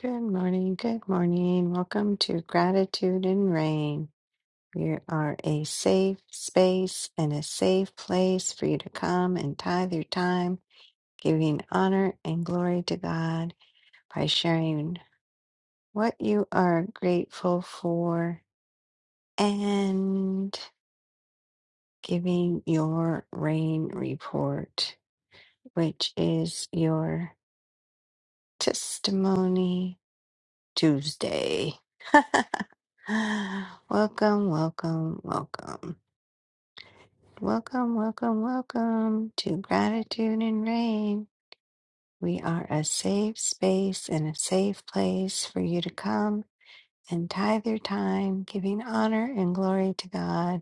Good morning, good morning. Welcome to Gratitude and Rain. We are a safe space and a safe place for you to come and tithe your time, giving honor and glory to God by sharing what you are grateful for and giving your rain report, which is your testimony Tuesday. Welcome, welcome, welcome. Welcome, welcome, welcome to Gratitude and Rain. We are a safe space and a safe place for you to come and tithe your time, giving honor and glory to God,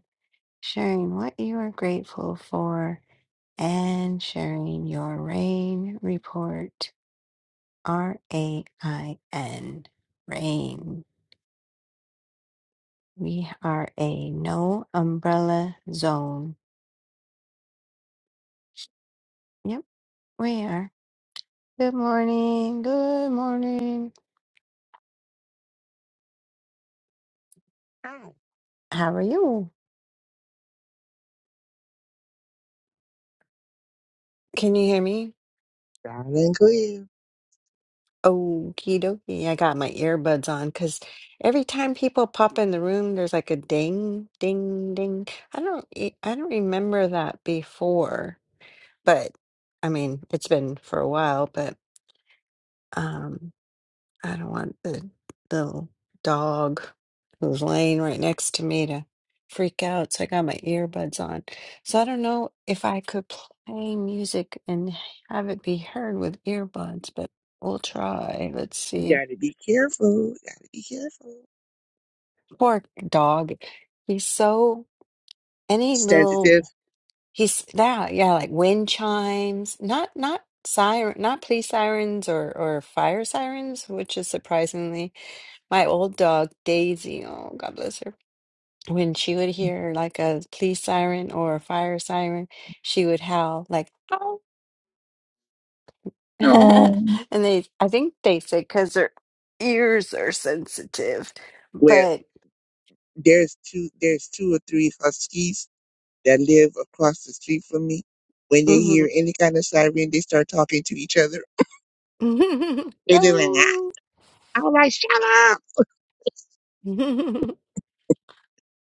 sharing what you are grateful for, and sharing your rain report. R A I N, rain. We are a no umbrella zone. Yep We are. Good morning. Good morning. Hi, How are you? Can you hear me? loud and clear. Okie dokie. I got my earbuds on because every time people pop in the room, there's like a ding, ding, ding. I don't, e- I don't remember that before, but I mean, it's been for a while. But um, I don't want the the dog who's laying right next to me to freak out. So I got my earbuds on. So I don't know if I could play music and have it be heard with earbuds, but we'll try. Let's You see. gotta be careful. Gotta be careful. Poor dog. He's so any Sensitive. little he's yeah, yeah, like wind chimes. Not not siren not police sirens or or fire sirens, which is surprisingly my old dog Daisy. Oh, God bless her when she would hear like a police siren or a fire siren, she would howl like "Ow." Oh. And they, I think they said because their ears are sensitive, Well, but there's two. There's two or three huskies that live across the street from me. When they mhm. hear any kind of siren, they start talking to each other. They do like, ah, Ow. all right, shut up.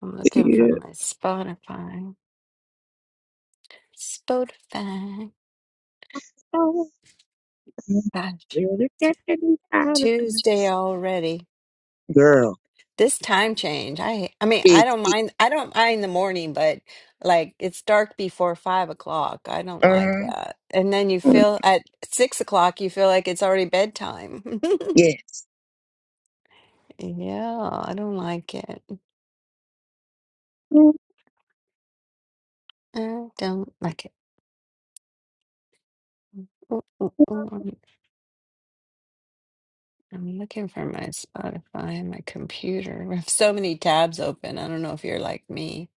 I'm looking for Yeah. my Spotify. Spotify. Oh, Gosh, really got to be tired of it. Tuesday already. Girl, This time change, I I mean, I it. don't it mind I don't mind the morning, but like it's dark before five o'clock. I don't like uh, that. And then you feel at six o'clock you feel like it's already bedtime. yes. Yeah, I don't like it. I don't like it. Ooh, ooh, ooh, I'm, I'm looking for my Spotify and my computer. I have so many tabs open. I don't know if you're like me.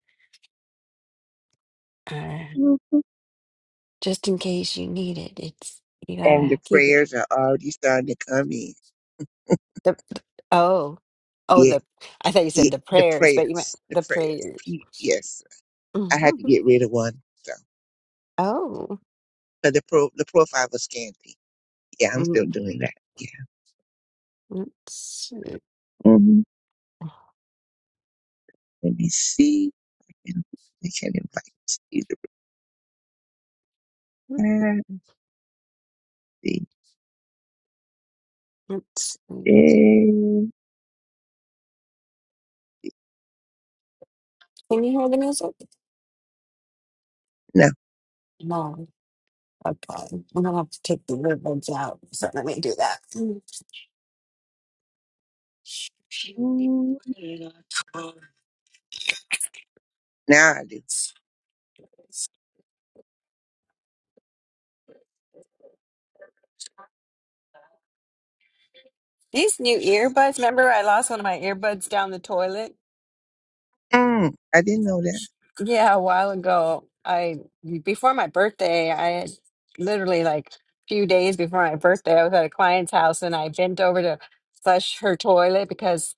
Uh, just in case you need it, it's you and the gotta keep it prayers are already starting to come in. The oh oh Yeah, the I thought you said yeah the the prayers, but you meant prayers, the the prayers. prayers. P- Yes, I had to Mhm. get rid of one. So, Oh, but the pro, the profile was scanty. Yeah, I'm Mm, still doing that. Yeah. let's see. hmm Let me see. I can invite either Patty. Let's see. Can you hear the music? No. No. Okay, I'm gonna have to take the earbuds out. So let me do that. Mm, Now I do. These new earbuds. Remember, I lost one of my earbuds down the toilet. Mm, I didn't know that. Yeah, a while ago, I before my birthday, I had literally like few days before my birthday, I was at a client's house and I bent over to flush her toilet because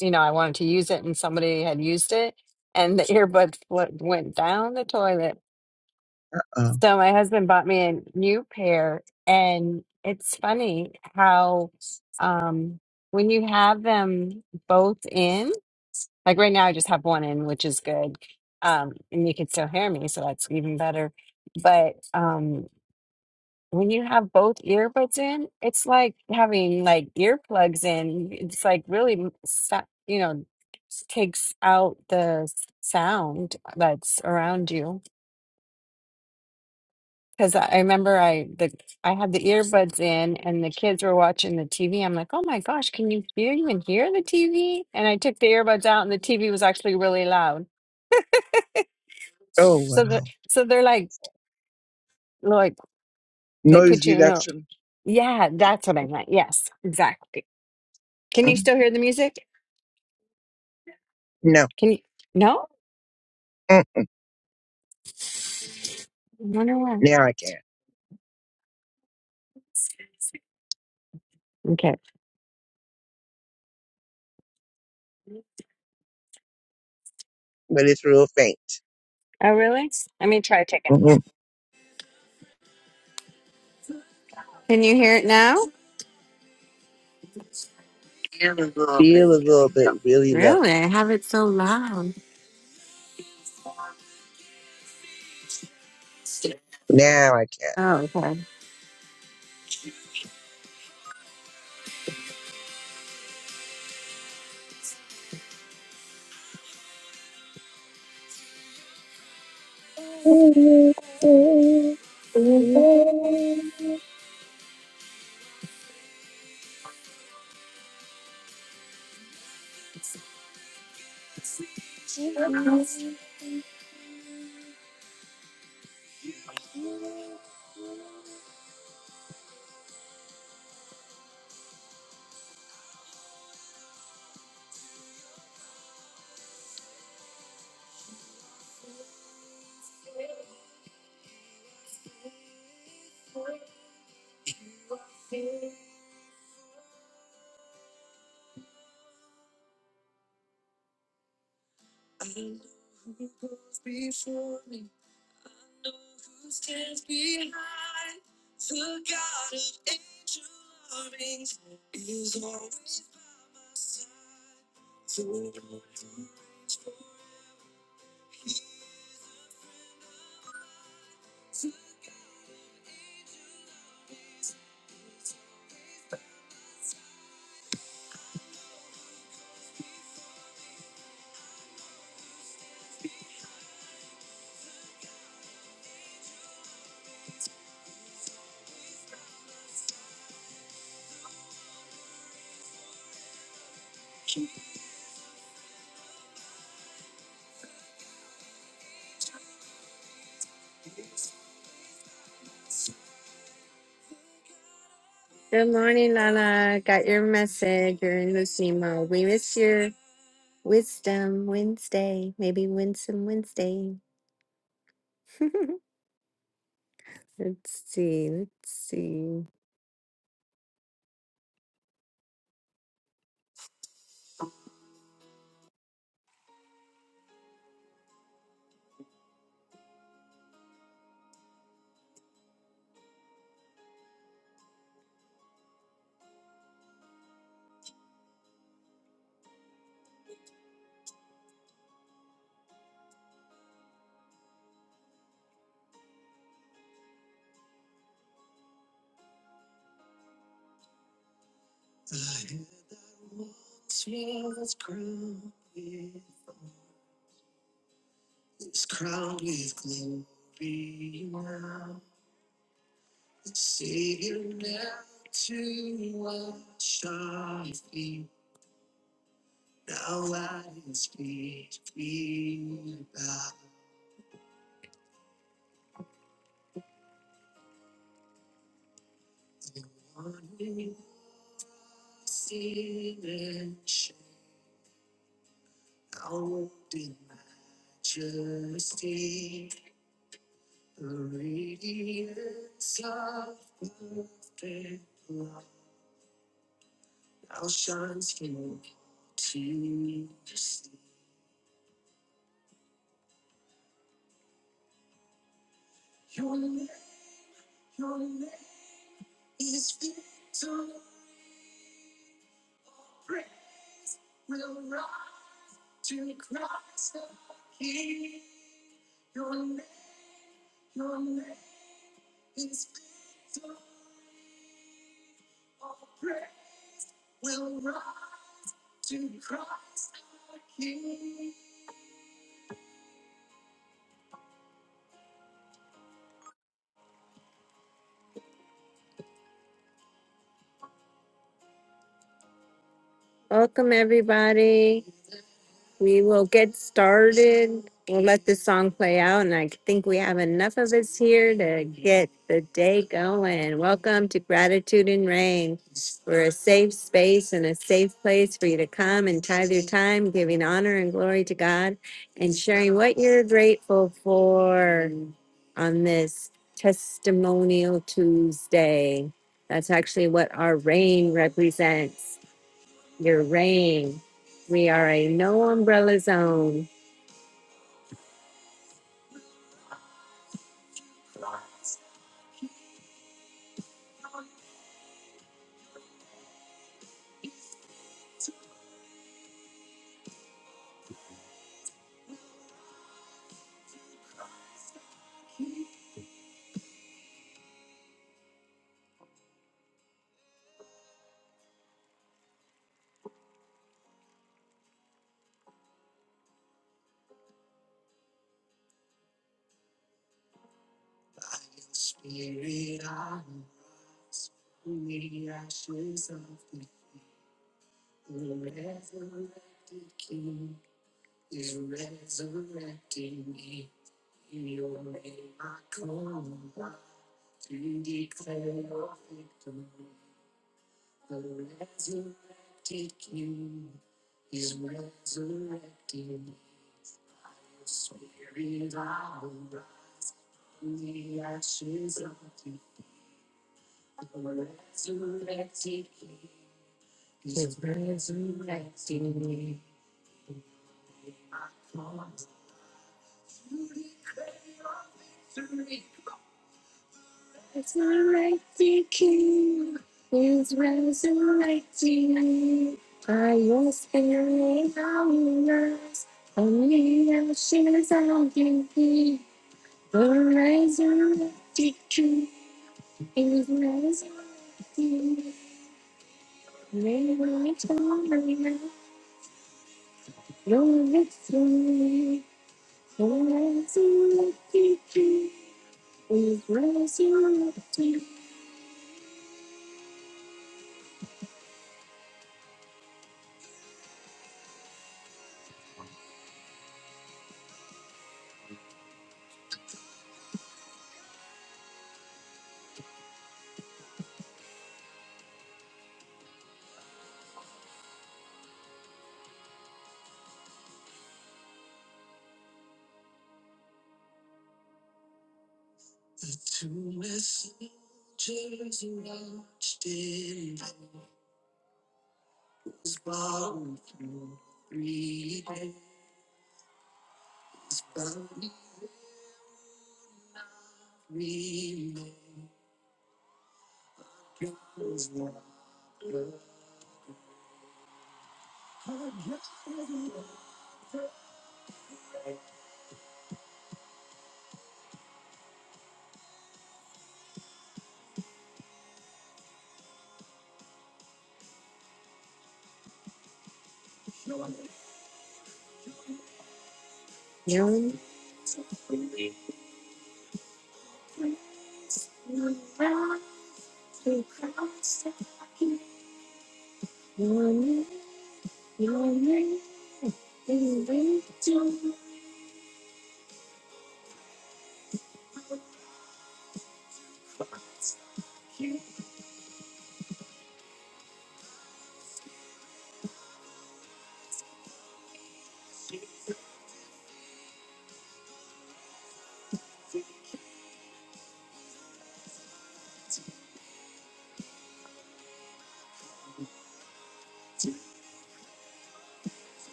you know I wanted to use it and somebody had used it and the earbuds fl- went down the toilet. Oh, So my husband bought me a new pair and it's funny how um when you have them both in like right now, I just have one in, which is good. Um, and you can still hear me, so that's even better. But um, when you have both earbuds in, it's like having like earplugs in. It's like really, m- sa- you know, s- takes out the s- sound that's around you. Because I I remember I the I had the earbuds in and the kids were watching the TV. I'm like, oh my gosh, can you hear even hear the TV? And I took the earbuds out and the TV was actually really loud. oh So they're wow. so they're like like they Noise put you in a reduction. yeah, that's what I meant. Yes, exactly. Can you Mm, still hear the music? no. Can you no? Mm-mm. Wonder why. Now I can, Okay. but it's real faint. Oh really? Let me try taking. Mm-hmm. Can you hear it now? feel a little bit really low. Really? I have it so loud. Now I can. Oh, okay. Good morning, Lala. Got your message. You're in listening mode. We miss your wisdom Wednesday. Maybe Winsome Wednesday. Let's see. Let's see. Welcome, everybody. We will get started. We'll let this song play out, and I think we have enough of us here to get the day going. Welcome to Gratitude and Rain. We're a safe space and a safe place for you to come and tithe your time, giving honor and glory to God and sharing what you're grateful for on this testimonial Tuesday. That's actually what our rain represents your reign. We are a no umbrella zone.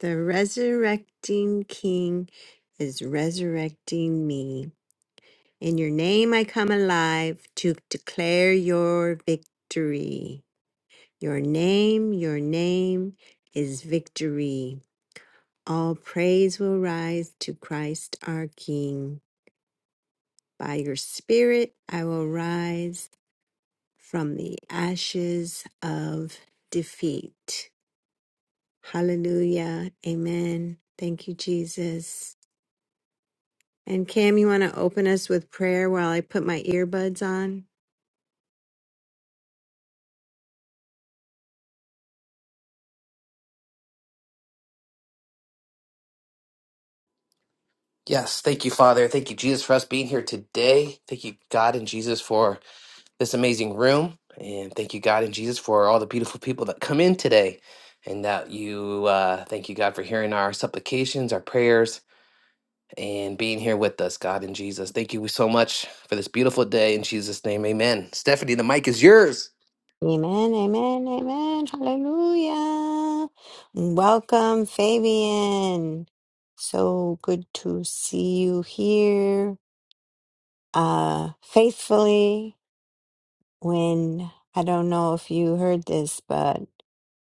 The resurrecting King is resurrecting me. In your name I come alive to declare your victory. Your name, your name is victory. All praise will rise to Christ our King. By your Spirit I will rise from the ashes of defeat. Hallelujah. Amen. Thank you, Jesus. And Cam, you want to open us with prayer while I put my earbuds on? Yes, thank you, Father. Thank you, Jesus, for us being here today. Thank you, God and Jesus, for this amazing room. And thank you, God and Jesus, for all the beautiful people that come in today. And that you, uh, thank you, God, for hearing our supplications, our prayers, and being here with us, God and Jesus. Thank you so much for this beautiful day. In Jesus' name, amen. Stephanie, the mic is yours. Amen, amen, amen. Hallelujah. Welcome, Fabian. So good to see you here uh, faithfully. When I don't know if you heard this, but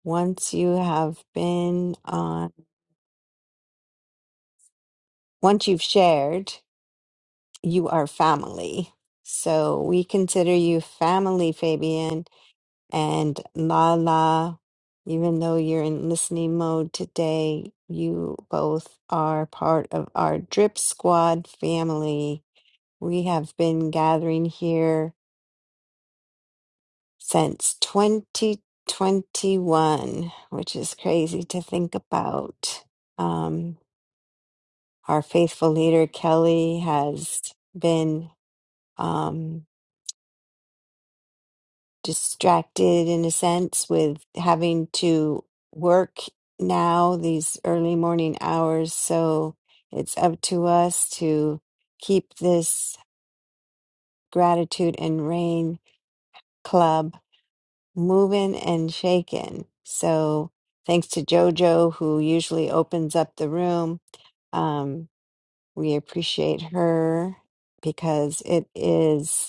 once you have been on, once you've shared, you are family. So we consider you family, Fabian. And Lala, even though you're in listening mode today, you both are part of our Drip Squad family. We have been gathering here since 2021, which is crazy to think about. Um, our faithful leader, Kelly, has been. Um, distracted in a sense with having to work now these early morning hours so it's up to us to keep this gratitude and rain club moving and shaking so thanks to jojo who usually opens up the room um, we appreciate her because it is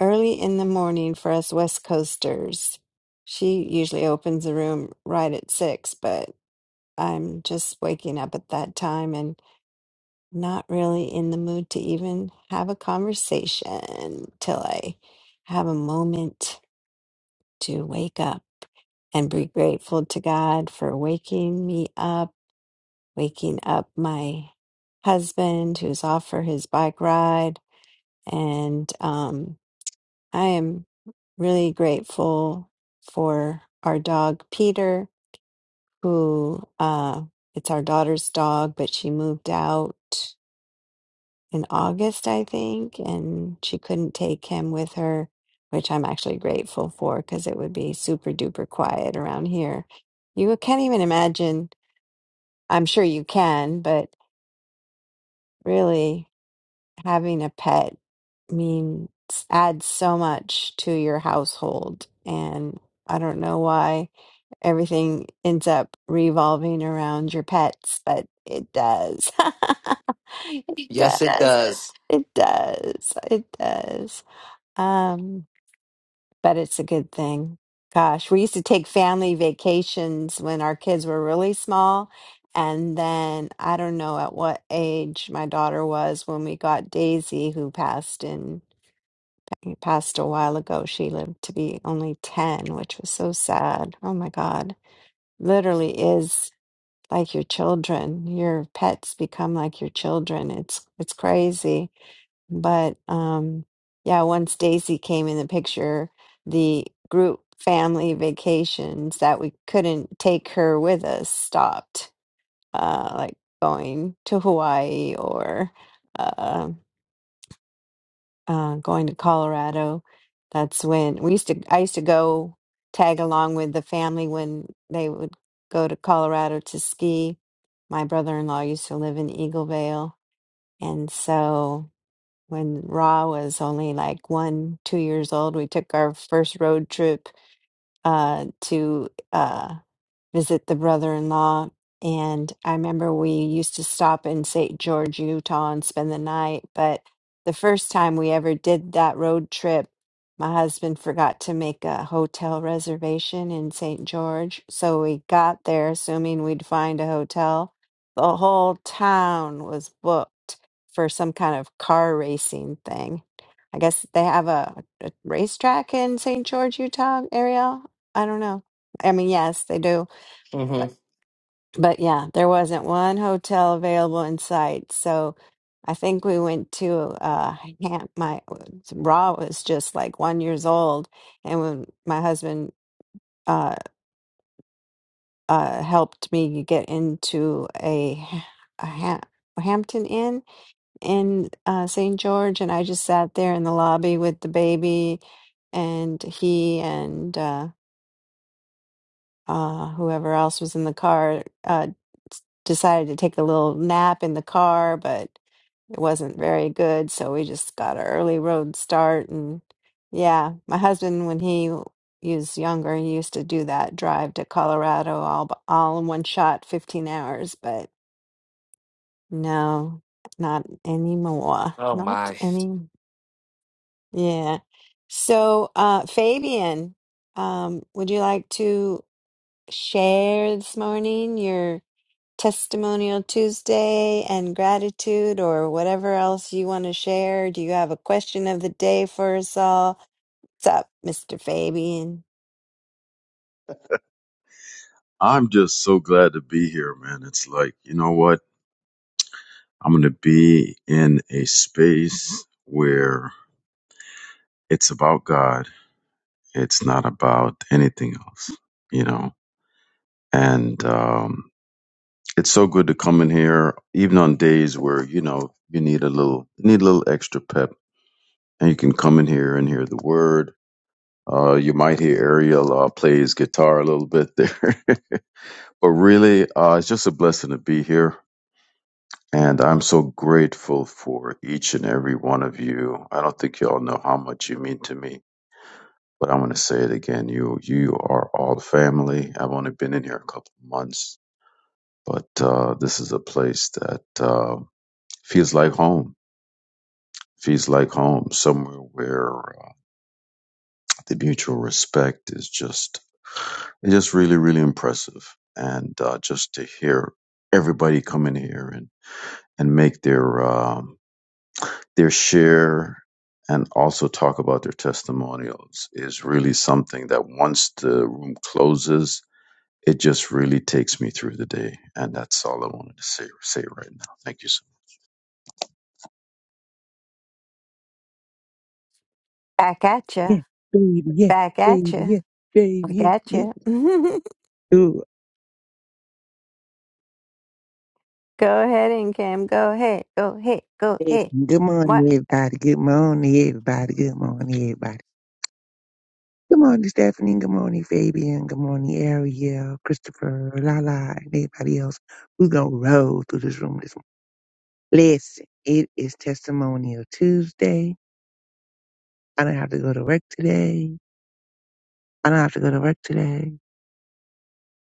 early in the morning for us West Coasters. She usually opens the room right at six, but I'm just waking up at that time and not really in the mood to even have a conversation till I have a moment to wake up and be grateful to God for waking me up, waking up my husband who's off for his bike ride. And um, I am. really grateful for our dog Peter, who uh, it's our daughter's dog, but she moved out in August, I think, and she couldn't take him with her, which I'm actually grateful for because it would be super duper quiet around here. You can't even imagine. I'm sure you can, but really having a pet means adds so much to your household and I don't know why everything ends up revolving around your pets, but it does. It Yes, it does. does. It does. It does. Um, but it's a good thing. Gosh, we used to take family vacations when our kids were really small. And then I don't know at what age my daughter was when we got Daisy, who passed in passed a while ago. She lived to be only 10, which was so sad. Oh my God literally is like your children. Your pets become like your children. It's it's crazy. But um yeah, once Daisy came in the picture, the group family vacations that we couldn't take her with us stopped. Uh like going to Hawaii or uh uh, going to Colorado. That's when we used to. I used to go tag along with the family when they would go to Colorado to ski. My brother-in-law used to live in Eagle Vale, and so when Ra was only like one, two years old, we took our first road trip uh, to. uh, visit the brother in law. And I remember we used to stop in St. George, Utah and spend the night. But the first time we ever did that road trip, my husband forgot to make a hotel reservation in St. George. So we got there assuming we'd find a hotel. The whole town was booked for some kind of car racing thing. I guess they have a, a racetrack in St. George, Utah area. I don't know. I mean, yes, they do hmm but but yeah, there wasn't one hotel available in sight. So I think we went to uh Ham- my Raw was just like one years old, and when my husband uh uh helped me get into a a Ham- Hampton Inn in uh St. George, and I just sat there in the lobby with the baby and he and uh uh, whoever else was in the car uh, s- decided to take a little nap in the car, but it wasn't very good. So we just got an early road start. And yeah, my husband, when he w- was younger, he used to do that drive to Colorado all, b- all in one shot, 15 hours. But no, not anymore. Oh, Not my. any. Yeah. So, uh, Fabian, um, would you like to share this morning your? Testimonial Tuesday and gratitude or whatever else you want to share. Do you have a question of the day for us all? What's up, Mr. Fabian? I'm just so glad to be here, man. It's like, you know what? I'm going to be in a space where it's about God. It's not about anything else, you know? And um, it's so good to come in here, even on days where, you know, you need a little, need a little extra pep and you can come in here and hear the word. Uh, you might hear Ariel uh, play his guitar a little bit there, but really, uh, it's just a blessing to be here. And I'm so grateful for each and every one of you. I don't think you all know how much you mean to me, but I'm going to say it again. You, you are all family. I've only been in here a couple of months, but uh, this is a place that uh, feels like home. Feels like home, somewhere where uh, the mutual respect is just, it's just really, really impressive. And uh, just to hear everybody come in here and and make their um their share and also talk about their testimonials is really something that once the room closes, it just really takes me through the day. And that's all I wanted to say, say right now. Thank you so Back at ya. Yeah, baby, yeah, Back at baby, ya. yeah, baby, Back yeah, at yeah. ya. Ooh, go ahead, and Cam. Go ahead. Go ahead. Go listen, ahead. good morning, What? everybody. Good morning, everybody. Good morning, everybody. Good morning, Stephanie. Good morning, Fabian. Good morning, Ariel, Christopher, Lala, and everybody else who's gonna roll through this room this Listen, it is Testimonial Tuesday. I don't have to go to work today. I don't have to go to work today.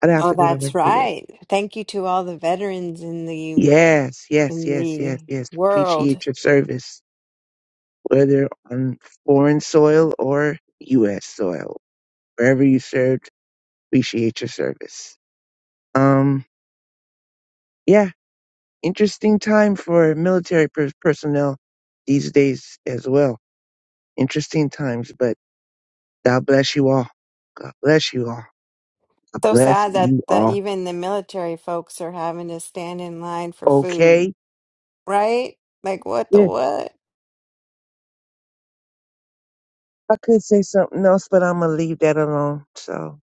I don't have Oh, to go to work that's today. right. Thank you to all the veterans in the Yes, yes, in yes, yes, the yes. world. Appreciate your service, whether on foreign soil or U.S. soil. Wherever you served, appreciate your service. Um, yeah, interesting time for military per- personnel these days as well. Interesting times, but God bless you all. God bless you all. So Bless sad that you the, all. even the military folks are having to stand in line for food Okay. right? Like what the Yeah, what? I could say something else, but I'm gonna leave that alone. So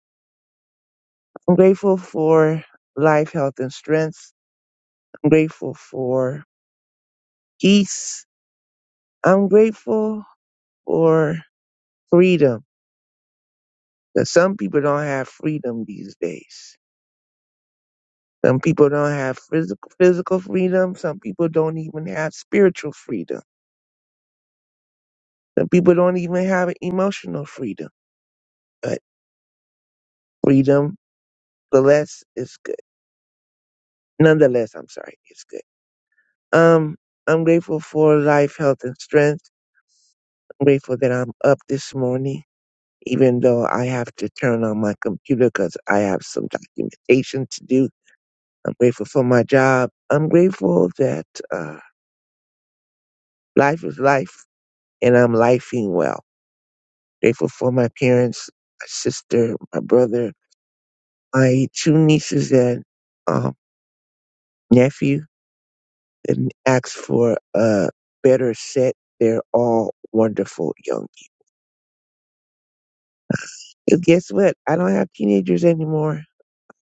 I'm grateful for life, health, and strength. I'm grateful for peace. I'm grateful for freedom. 'Cause some people don't have freedom these days. Some people don't have physical physical freedom. Some people don't even have spiritual freedom. Some people don't even have emotional freedom. But freedom, the less is good. Nonetheless, I'm sorry, it's good. Um, I'm grateful for life, health, and strength. I'm grateful that I'm up this morning, even though I have to turn on my computer because I have some documentation to do. I'm grateful for my job. I'm grateful that uh, life is life, and I'm lifing well. Grateful for my parents, my sister, my brother, my two nieces and um, nephew, and asked for a better set. They're all wonderful young. Because guess what? I don't have teenagers anymore.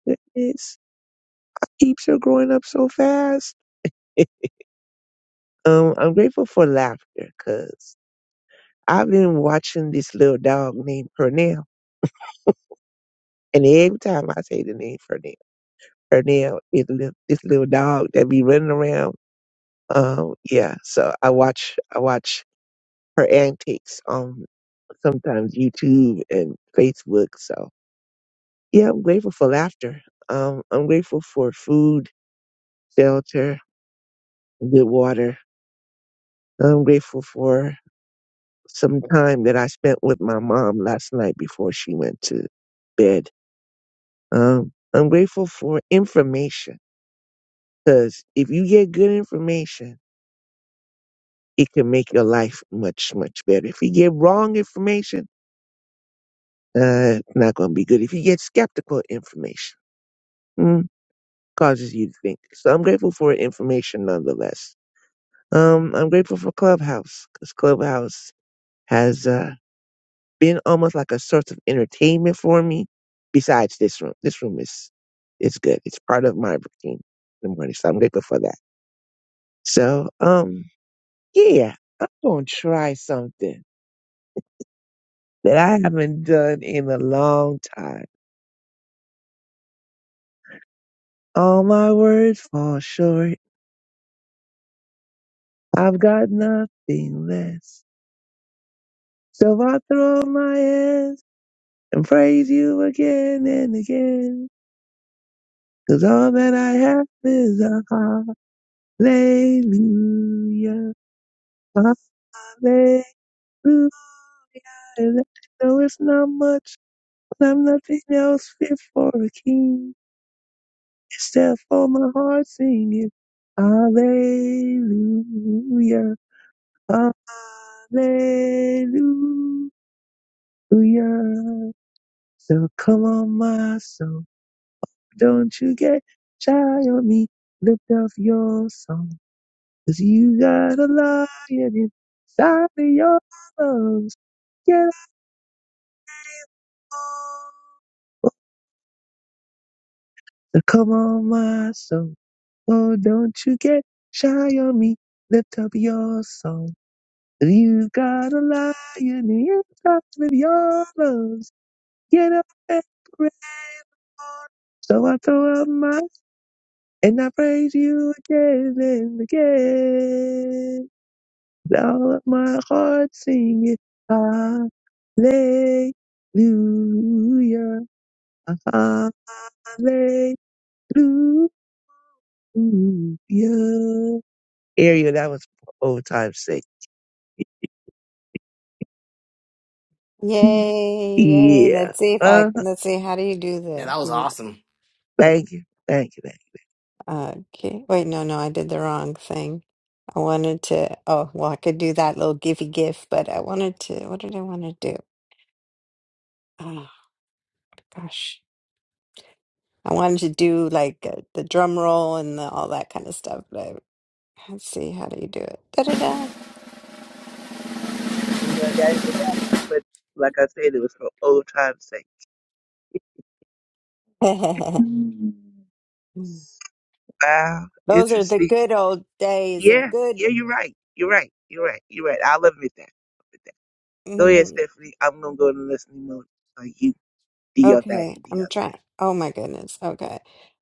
Goodness, keeps are growing up so fast. um, I'm grateful for laughter because I've been watching this little dog named Pernell. And every time I say the name Pernell, Pernell is li- this little dog that be running around. Um, yeah, so I watch, I watch her antics on sometimes YouTube and Facebook. So yeah, I'm grateful for laughter. Um, I'm grateful for food, shelter, good water I'm grateful for some time that I spent with my mom last night before she went to bed. Um, I'm grateful for information because if you get good information, it can make your life much, much better. If you get wrong information, uh, it's not going to be good. If you get skeptical information, mm, causes you to think. So I'm grateful for information nonetheless. Um, I'm grateful for Clubhouse because Clubhouse has uh, been almost like a source of entertainment for me. Besides this room, this room is it's good. It's part of my routine in the morning, so I'm grateful for that. So, um, yeah, I'm gonna try something that I haven't done in a long time. All my words fall short. I've got nothing less, so I throw up my hands and praise you again and again. Cause all that I have is a hallelujah. Uh-huh. Hallelujah. And I know it's not much, but I'm nothing else fit for a king. Except for my heart singing. Hallelujah. Hallelujah. So come on, my soul. Don't you get shy on me. Lift up your song. Cause you got a lion inside of your lungs. Get up. So come on, my soul. Oh, don't you get shy on me. Lift up your song. You have got a lion inside with your lungs. Get up and pray. So I throw up my and I praise you again and again. With all of my heart singing hallelujah, hallelujah. Ariel, that was overtime sick. Yay, yay. Yeah. Let's see if I Uh, let's see how do you do Yeah, that? that was Let me- awesome. Wait, thank you. Thank you. Thank uh, okay. Wait, no, no, I did the wrong thing. I wanted to oh well I could do that little givey gif, but I wanted to what did I want to do? Oh gosh. I wanted to do like uh, the drum roll and the, all that kind of stuff, but I, let's see how do you do it. Da da you. And done that in the morning, But like I said, it was for old time's sake. da. Wow. Those are the Interesting. good old days of Yeah. good. Yeah, you're right. You're right. You're right. You're right. I'll admit that. I'll admit that. Go ahead, Stephanie. I'm going to go into listening mode. Uh, you do your Okay, thing. Do I'm your trying. thing. Oh my goodness. Okay.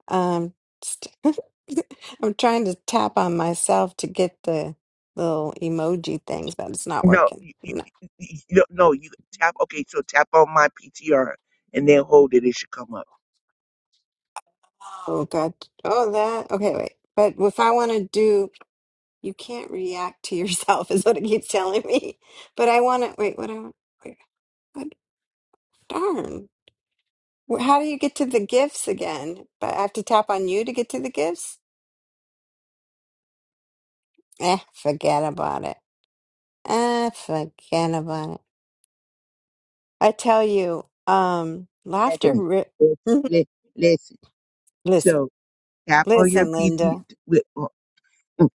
Um, st- I'm trying to tap on myself to get the little emoji things, but it's not No, working. you, you, No, you, you- no, no, you tap. Okay, so tap on my PTR and then hold it. It should come up. oh God. Oh, that. Okay, wait. But if I want to do, you can't react to yourself, is what it keeps telling me. But I want to, wait, what I want, wait, what, darn. Wh- How do you get to the gifts again? But I have to tap on you to get to the gifts? Eh, forget about it. Eh, forget about it. I tell you, um, laughter. Stephanie, Ri- listen, listen, So tap on your listen, PT, Linda. with, uh, mm,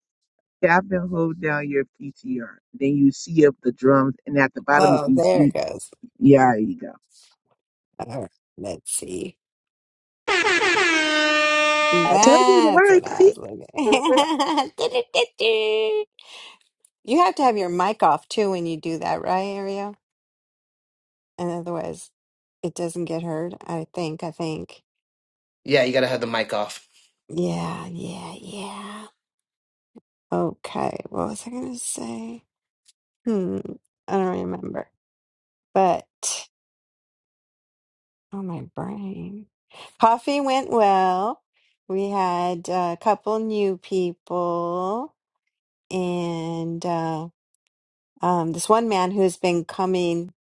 tap and hold down your PTR. Then you see up the drums, and at the bottom, if Oh, you there it see, goes. yeah, there you go. All right, let's see. I told you the That's what word. I See, was Mhm. looking. you have to have your mic off too when you do that, right, Ariel? And otherwise, it doesn't get heard. I think. I think. Yeah, you got to have the mic off. Yeah. Yeah. Yeah. Okay. What was I gonna say? Hmm. I don't remember. But. Oh, my brain. Coffee went well. We had uh, a couple new people and uh, um, this one man who's been coming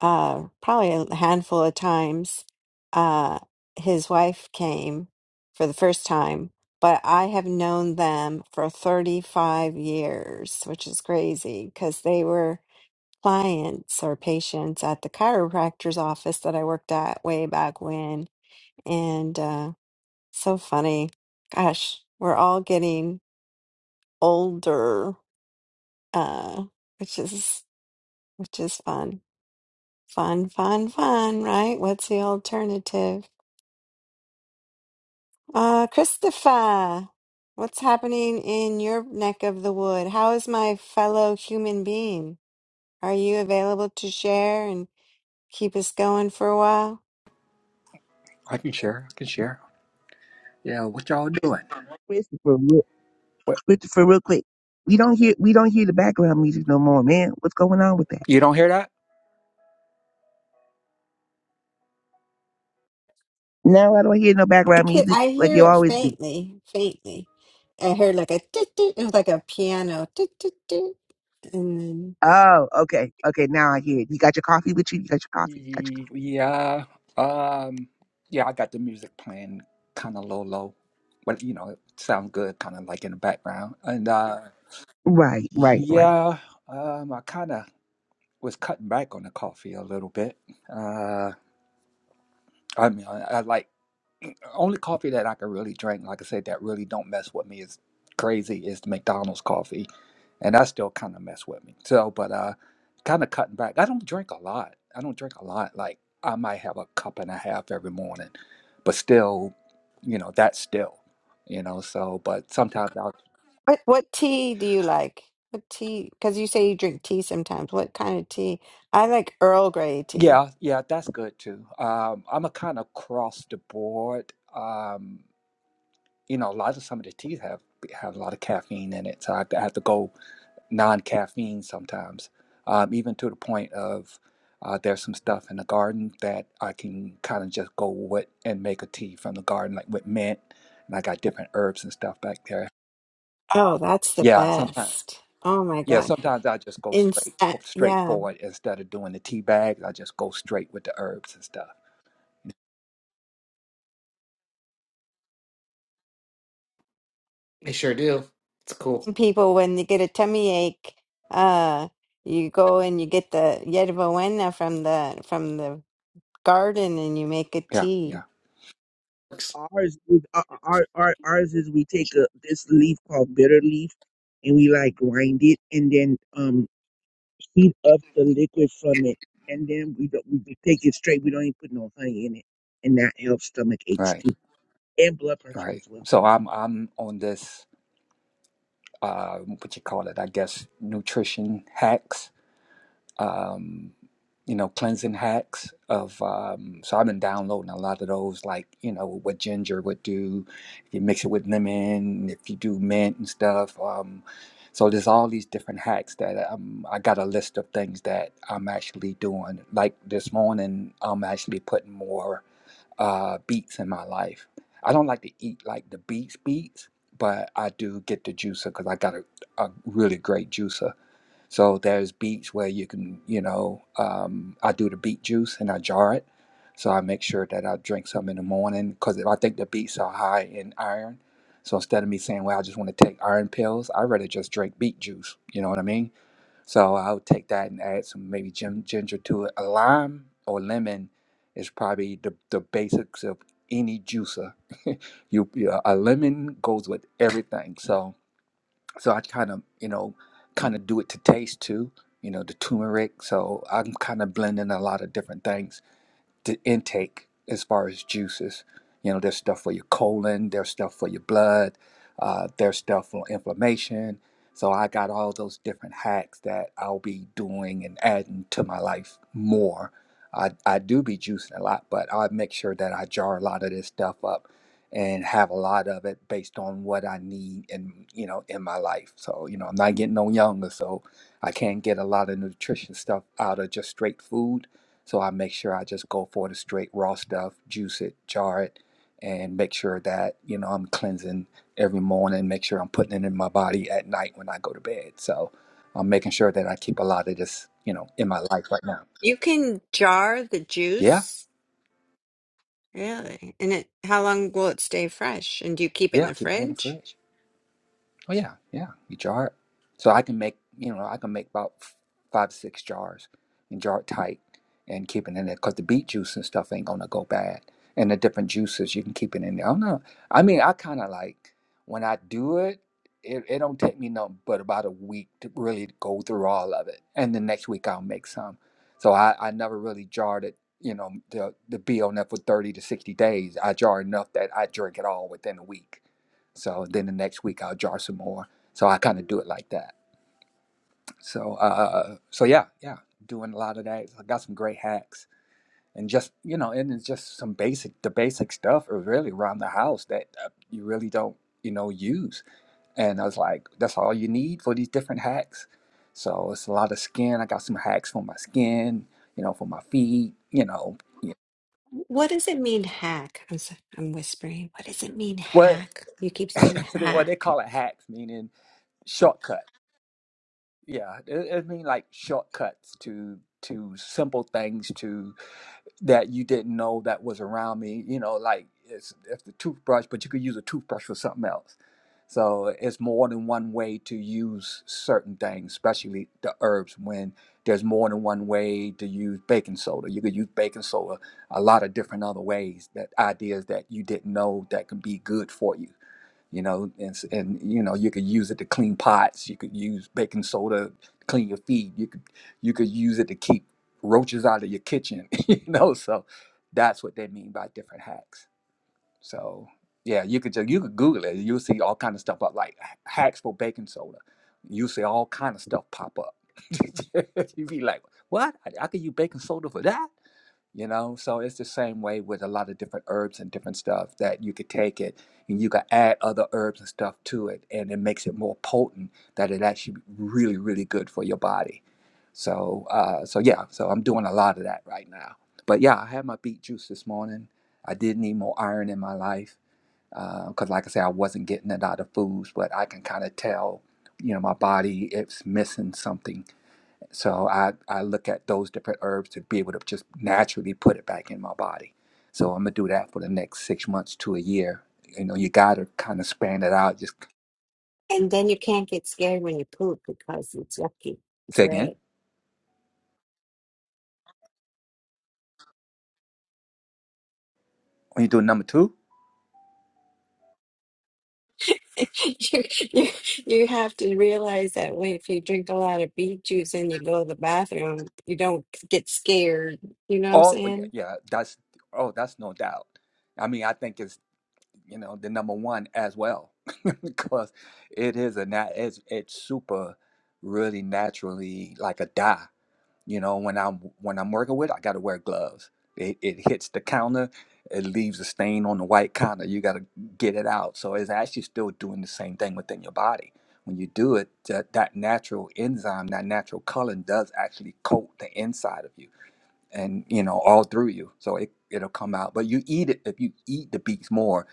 uh, probably a handful of times. Uh, his wife came for the first time, but I have known them for 35 years, which is crazy because they were clients or patients at the chiropractor's office that I worked at way back when And uh, so funny. Gosh, we're all getting older, uh, which is which is fun. Fun, fun, fun, right? What's the alternative? Uh, Christopher, what's happening in your neck of the wood? How is my fellow human being? Are you available to share and keep us going for a while? I can share. I can share. Yeah, what y'all doing? Christopher, real- What Christopher, real quick. We don't hear we don't hear the background music no more, man. What's going on with that? you don't hear that? No, I don't hear no I background could music I like hear you it always do. faintly, faintly. I heard like a toot toot. It was like a piano toot toot toot. And then Oh, okay, okay. Now I hear it. You got your coffee with you. You got your coffee. Got your Y- Yeah. Um. Yeah, I got the music playing kind of low, low, but you know, it sounds good, kind of like in the background. And uh, coffee. Right, right, right. yeah, um, I kind of was cutting back on the coffee a little bit. Uh, I mean, I, I like. only coffee that I can really drink, like I said, that really don't mess with me is crazy is the McDonald's coffee, and that still kind of mess with me. So, but uh, kind of cutting back. I don't drink a lot. I don't drink a lot. Like I might have a cup and a half every morning, but still, you know, that's still, you know. So, but sometimes I'll. what what tea do you like? What tea? Because you say you drink tea sometimes. What kind of tea? I like Earl Grey tea. Yeah, yeah, that's good too. Um, I'm a kind of cross the board. Um, you know, a lot of some of the teas have have a lot of caffeine in it, so I have to I have to go non-caffeine sometimes, um, even to the point of uh, there's some stuff in the garden that I can kind of just go with and make a tea from the garden, like with mint, and I got different herbs and stuff back there. Oh, that's the Yeah, sometimes. best. Oh my Yeah, God. sometimes I just go In straight uh, f- straight yeah, forward instead of doing the tea bags. I just go straight with the herbs and stuff. They sure do. It's cool. people when they get a tummy ache, uh, you go and you get the yerba buena from the from the garden and you make a Yeah, tea. yeah, Ours is uh, uh, our, our ours is we take a this leaf called bitter leaf and we like grind it and then um heat up the liquid from it and then we don't, we just take it straight. We don't even put no honey in it, and that helps stomach aches right, too and blood pressure right. as well. So Mhm. I'm I'm on this uh, what you call it? I guess nutrition hacks um, you know, cleansing hacks of um, so I've been downloading a lot of those, like, you know, what ginger would do, if you mix it with lemon, if you do mint and stuff. Um, so there's all these different hacks that um, I got a list of things that I'm actually doing. Like this morning, I'm actually putting more uh, beets in my life. I don't like to eat like the beets beets, but I do get the juicer because I got a, a really great juicer so there's beets where you can, you know, um, I do the beet juice and I jar it. So I make sure that I drink some in the morning because I think the beets are high in iron. So instead of me saying, well, I just want to take iron pills, I'd rather just drink beet juice. You know what I mean? So I would take that and add some maybe gin- ginger to it. A lime or lemon is probably the, the basics of any juicer. You, you- a lemon goes with everything. So so I kind of, you know, kind of do it to taste too, you know, the turmeric. So I'm kind of blending a lot of different things the intake as far as juices. You know, there's stuff for your colon, there's stuff for your blood, uh, there's stuff for inflammation. So I got all those different hacks that I'll be doing and adding to my life more. I, I do be juicing a lot, but I make sure that I jar a lot of this stuff up and have a lot of it based on what I need in you know in my life. So, you know, I'm not getting no younger, so I can't get a lot of nutrition stuff out of just straight food so I make sure I just go for the straight raw stuff, juice it, jar it, and make sure that, you know, I'm cleansing every morning, make sure I'm putting it in my body at night when I go to bed. So I'm making sure that I keep a lot of this, you know, in my life right now. You can jar the Yeah, juice, really. And it, how long will it stay fresh? And do you keep it in yeah, the keep it in the fridge? fridge. Oh yeah, yeah. You jar it. So I can make you know I can make about f- five to six jars and jar it tight and keep it in there because the beet juice and stuff ain't gonna go bad. And the different juices you can keep it in there. I don't know. I mean, I kind of like when I do it. It, it don't take me nothing but about a week to really go through all of it, and the next week I'll make some. So I, I never really jarred it, you know, the the be on that for thirty to sixty days. I jar enough that I drink it all within a week so then the next week I'll jar some more. So I kind of do it like that. So uh, uh, uh, so yeah, yeah, doing a lot of that. I got some great hacks and just you know, and it's just some basic, the basic stuff are really around the house that uh, you really don't you know use. And I was like, that's all you need for these different hacks. So it's a lot of skin. I got some hacks for my skin, you know, for my feet, you know, yeah. What does it mean, hack? I'm so, I'm whispering. What does it mean, what hack? You keep saying what they hack, call it hacks, meaning shortcuts Yeah, I I mean like shortcuts to to simple things to that you didn't know that was around me. You know, like it's it's the toothbrush, but you could use a toothbrush for something else. So it's more than one way to use certain things, especially the herbs. When there's more than one way to use baking soda, you could use baking soda a lot of different other ways. That ideas that you didn't know that can be good for you you know and, s- and you know you could use it to clean pots you could use baking soda to clean your feet you could you could use it to keep roaches out of your kitchen you know so that's what they mean by different hacks so yeah you could just you could google it you'll see all kind of stuff up like h- hacks for baking soda you'll see all kind of stuff pop up you'd be like what i, I could use baking soda for that you know so it's the same way with a lot of different herbs and different stuff that you could take it and you could add other herbs and stuff to it and it makes it more potent that it actually really really good for your body so uh so yeah so i'm doing a lot of that right now but yeah i had my beet juice this morning i did need more iron in my life because like i said i wasn't getting it out of foods but i can kind of tell you know my body it's missing something so I, I look at those different herbs to be able to just naturally put it back in my body. So I'm gonna do that for the next six months to a year. You know, you gotta kind of span it out. Just and then you can't get scared when you poop because it's yucky. It's say again. red. When you do number two, You, you you have to realize that when if you drink a lot of beet juice and you go to the bathroom, you don't get scared. You know what I'm oh well, yeah, saying? yeah, that's oh that's no doubt. I mean, I think it's you know the number one as well because it is a nat it's it's super really naturally like a dye. You know, when I'm when I'm working with, I got to wear gloves. It, it hits the counter, it leaves a stain on the white counter. You got to get it out. So it's actually still doing the same thing within your body. When you do it, that, that natural enzyme, that natural color does actually coat the inside of you and you know all through you so it, it'll come out but you eat it if you eat the beets more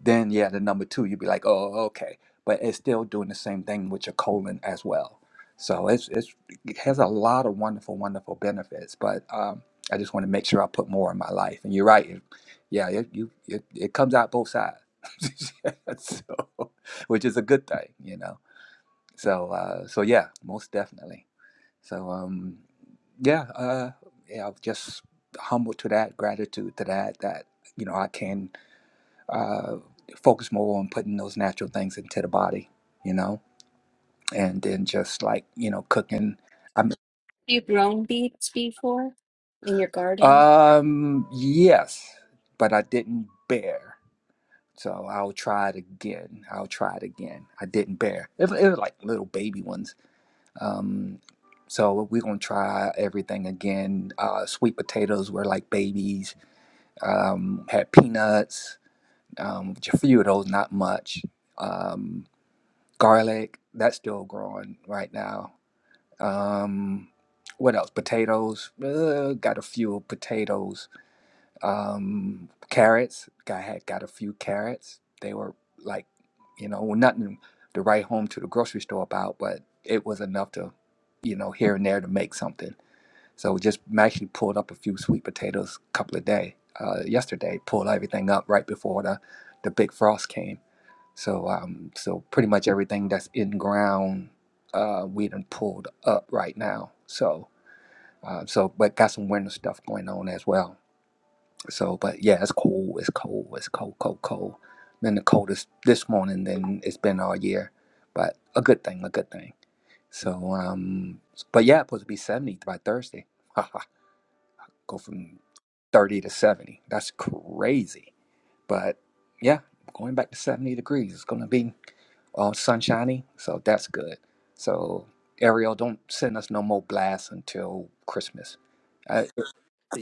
then yeah the number two you'd be like oh okay but it's still doing the same thing with your colon as well so it's, it's it has a lot of wonderful wonderful benefits but um, i just want to make sure i put more in my life and you're right it, yeah it, you it, it comes out both sides so, which is a good thing you know so uh, so yeah most definitely so um yeah, uh, yeah, I'm just humble to that, gratitude to that, that, you know, I can uh, focus more on putting those natural things into the body, you know, and then just like, you know, cooking. I'm, You grown beets before in your garden? um, yes, but I didn't bear. So I'll try it again. I'll try it again. I didn't bear. It, it was like little baby ones. Um, so we're gonna try everything again. Uh, sweet potatoes were like babies um, had peanuts, um, which a few of those, not much. Um, garlic, that's still growing right now. Um, what else? Potatoes, uh, got a few potatoes. Um, carrots, I had got a few carrots. They were like, you know, well, nothing to write home to the grocery store about, but it was enough to, you know, here and there to make something. So we just actually pulled up a few sweet potatoes a couple of day uh, yesterday. Pulled everything up right before the the big frost came. So um, so pretty much everything that's in ground, uh, we done pulled up right now. So uh, so but got some winter stuff going on as well. So but yeah, it's cold. It's cold. It's cold. Cold. Cold. Been the coldest this morning than it's been all year, but a good thing. A good thing. So um, but yeah, it's supposed to be seventy by Thursday. go from 30 to 70. That's crazy. But yeah, going back to 70 degrees, it's going to be all sunshiny. So that's good. So, Ariel, don't send us no more blasts until Christmas. Uh,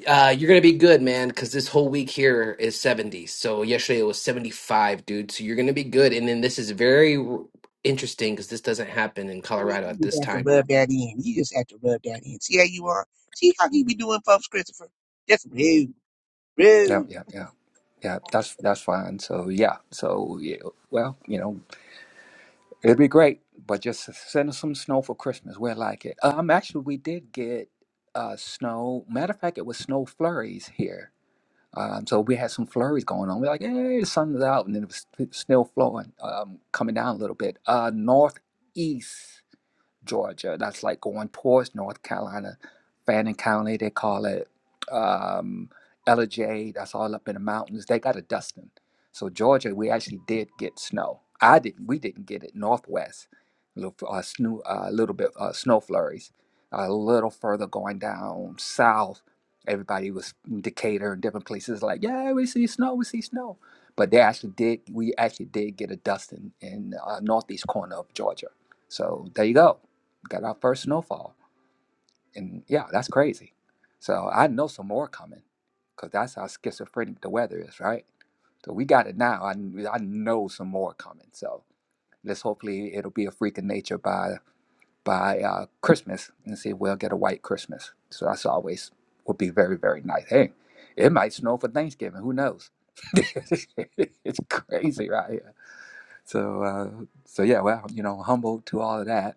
Uh, you're gonna be good, man, because this whole week here is 70. So yesterday it was 75, dude. So you're gonna be good. And then this is very r- interesting because this doesn't happen in I mean, Colorado you at just this have to time. rub that in. You just have to rub that in. See how you are? See how you be doing, folks, Christopher? Just rude, yeah, rude. yeah, yeah. Yeah, that's that's fine. So yeah, so yeah, well, you know, it'd be great, but just send us some snow for Christmas. We like it. Um, actually, we did get uh snow. Matter of fact, it was snow flurries here Um, so we had some flurries going on. We're like, hey, the sun is out, and then it was st- still flowing, um, coming down a little bit. Uh, northeast. Georgia. That's like going towards North Carolina, Fannin County, they call it. Um, LJ, that's all up in the mountains. They got a dusting. So Georgia, we actually did get snow. I didn't. We didn't get it. Northwest, a little, uh, snow, a little bit uh, snow flurries. A little further going down south, everybody was in Decatur and different places like, yeah, we see snow, we see snow. But they actually did. We actually did get a dusting in uh, northeast corner of Georgia. So there you go got our first snowfall. And yeah, that's crazy. So I know some more coming because that's how schizophrenic the weather is, right? So we got it now. I, I know some more coming. So let's hopefully it'll be a freak of nature by by uh, Christmas and see if we'll get a white Christmas. So that's always would be very, very nice. Hey, it might snow for Thanksgiving. Who knows? it's crazy right here. So uh, so yeah, well, you know, humble to all of that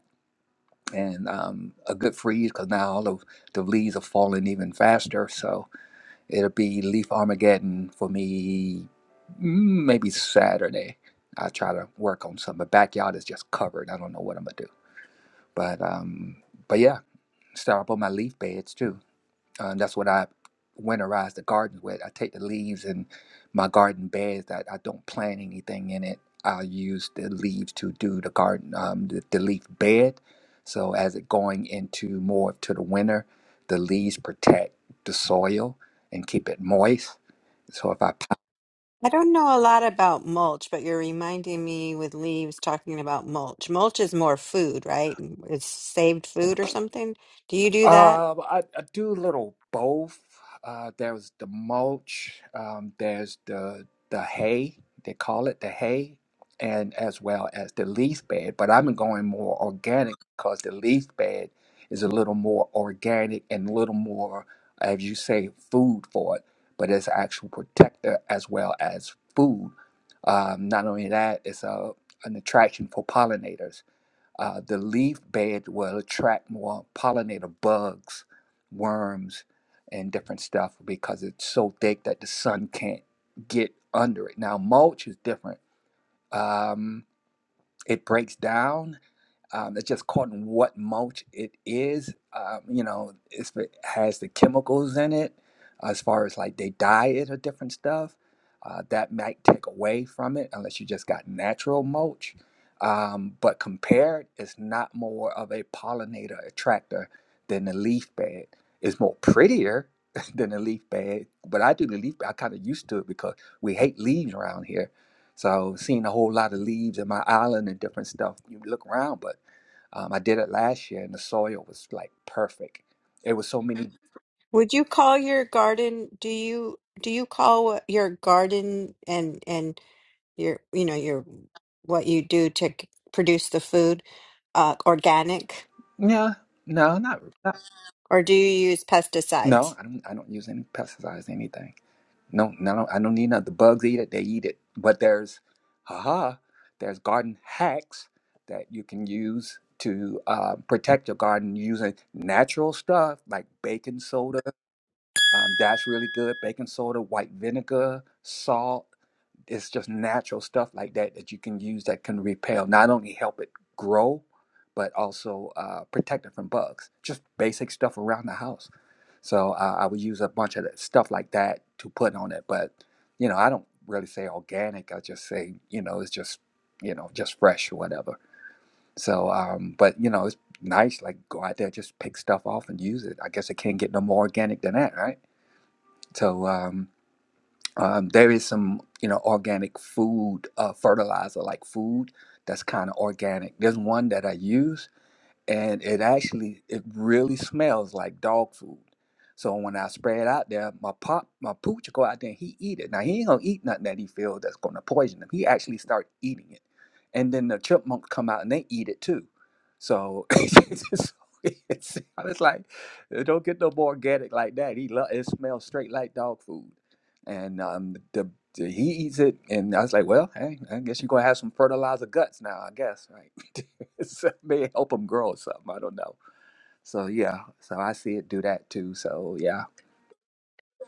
and um, a good freeze because now all of the leaves are falling even faster. So it'll be leaf Armageddon for me, mm, maybe Saturday. I'll try to work on something. My backyard is just covered. I don't know what I'm gonna do, but um, but yeah, start up on my leaf beds too. Uh, that's what I winterize the gardens with. I take the leaves in my garden beds that I don't plant anything in it. I use the leaves to do the garden, um, the, the leaf bed. So as it going into more to the winter, the leaves protect the soil and keep it moist. So if I I don't know a lot about mulch, but you're reminding me with leaves talking about mulch. Mulch is more food, right? It's saved food or something. Do you do that? Uh, well, I, I do a little both. Uh, there's the mulch, um, there's the the hay, they call it the hay, and as well as the leaf bed. But I'm going more organic because the leaf bed is a little more organic and a little more, as you say, food for it. But it's actual protector as well as food. Um, not only that, it's a an attraction for pollinators uh, the leaf bed will attract more pollinator bugs, worms, and different stuff because it's so thick that the sun can't get under it. Now, mulch is different. Um, it breaks down um, it's just caught in what mulch it is. Um, you know, it's, it has the chemicals in it, uh, as far as like they dye it or different stuff. Uh, that might take away from it unless you just got natural mulch. Um, but compared, it's not more of a pollinator attractor than the leaf bed. It's more prettier than the leaf bed, but I do the leaf bed. I kind of used to it because we hate leaves around here. So seeing a whole lot of leaves in my island and different stuff, you look around, but um, I did it last year, and the soil was like perfect. It was so many. Would you call your garden, do you do you call what your garden and and your you know your what you do to c- produce the food uh organic Yeah, no, not, not or do you use pesticides? no. I don't. I don't use any pesticides, anything. No, no. no, I don't need none. The bugs eat it. They eat it. But there's, haha, there's garden hacks that you can use to uh, protect your garden using natural stuff like baking soda Um, that's really good. Baking soda, white vinegar, salt. It's just natural stuff like that that you can use that can repel, not only help it grow, but also uh, protect it from bugs. Just basic stuff around the house. So uh, I would use a bunch of that stuff like that to put on it. But, you know, I don't really say organic. I just say, you know, it's just, you know, just fresh or whatever. So, um, but, you know, it's nice. Like go out there, just pick stuff off and use it. I guess it can't get no more organic than that, right? So um, um, there is some, you know, organic food uh, fertilizer, like food that's kind of organic. There's one that I use and it actually it really smells like dog food. So when I spray it out there, my pop my pooch go out there and he eat it. Now he ain't gonna eat nothing that he feels that's gonna poison him. He actually start eating it, and then the chipmunks come out and they eat it too. So it's, just- it's- I was like, "It don't get no more organic like that. He lo- it smells straight like dog food, and um the, the he eats it, and I was like, well, hey, I guess you're gonna have some fertilizer guts now, I guess, right? so may help them grow or something. I don't know. So yeah, so I see it do that too. So yeah.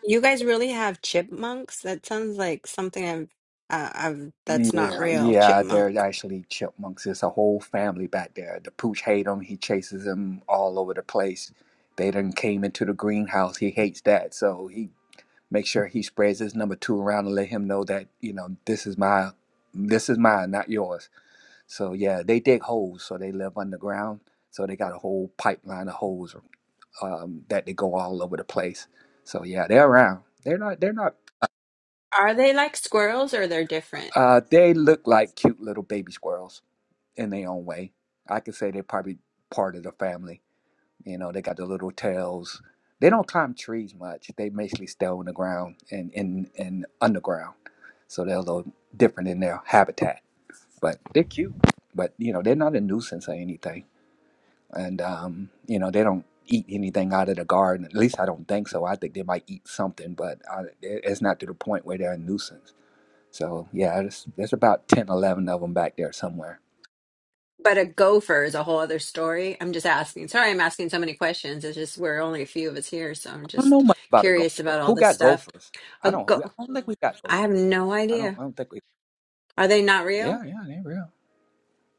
You guys really have chipmunks? That sounds like something I've, uh, I've that's not Yeah, real. yeah, they're Chipmunk. actually chipmunks. There's a whole family back there. The pooch hate him. He chases him all over the place. They done came into the greenhouse. He hates that, so he makes sure he spreads his number two around and let him know that you know this is my, this is mine, not yours. So yeah, they dig holes, so they live underground. So they got a whole pipeline of holes um, that they go all over the place. So yeah, they're around. They're not. They're not. Are they like squirrels or they're different? Uh, they look like cute little baby squirrels in their own way. I could say they're probably part of the family. You know, they got the little tails. They don't climb trees much. They basically stay on the ground and in and underground. So they're a little different in their habitat. But they're cute. But you know, they're not a nuisance or anything. and um, you know they don't eat anything out of the garden. At least I don't think so. I think they might eat something, but I, it- it's not to the point where they're a nuisance. So yeah, there's, there's about 10, 11 of them back there somewhere. But a gopher is a whole other story. I'm just asking. Sorry, I'm asking so many questions. It's just we're only a few of us here, so I'm I don't know just much about a curious gopher. about all Who this got stuff. gophers? I A don't. We, I go don't think we got I gophers. have no I don't. idea. I don't think we. Are they not Yeah, real? yeah, they're real.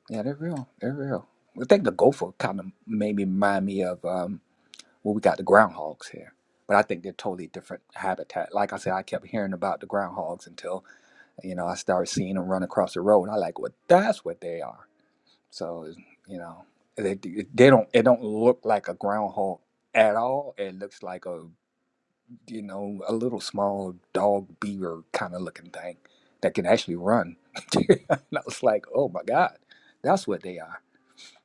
Yeah, they're real. They're real. I think the gopher kind of made me remind me of um, well, we got the groundhogs here, but I think they're totally different habitat. Like I said, I kept hearing about the groundhogs until You know, I started seeing them run across the road, and I like, well, that's what they are. So, you know, they, they don't it don't look like a groundhog at all. It looks like a you know a little small dog beaver kind of looking thing that can actually run. and I was like, oh my god, that's what they are.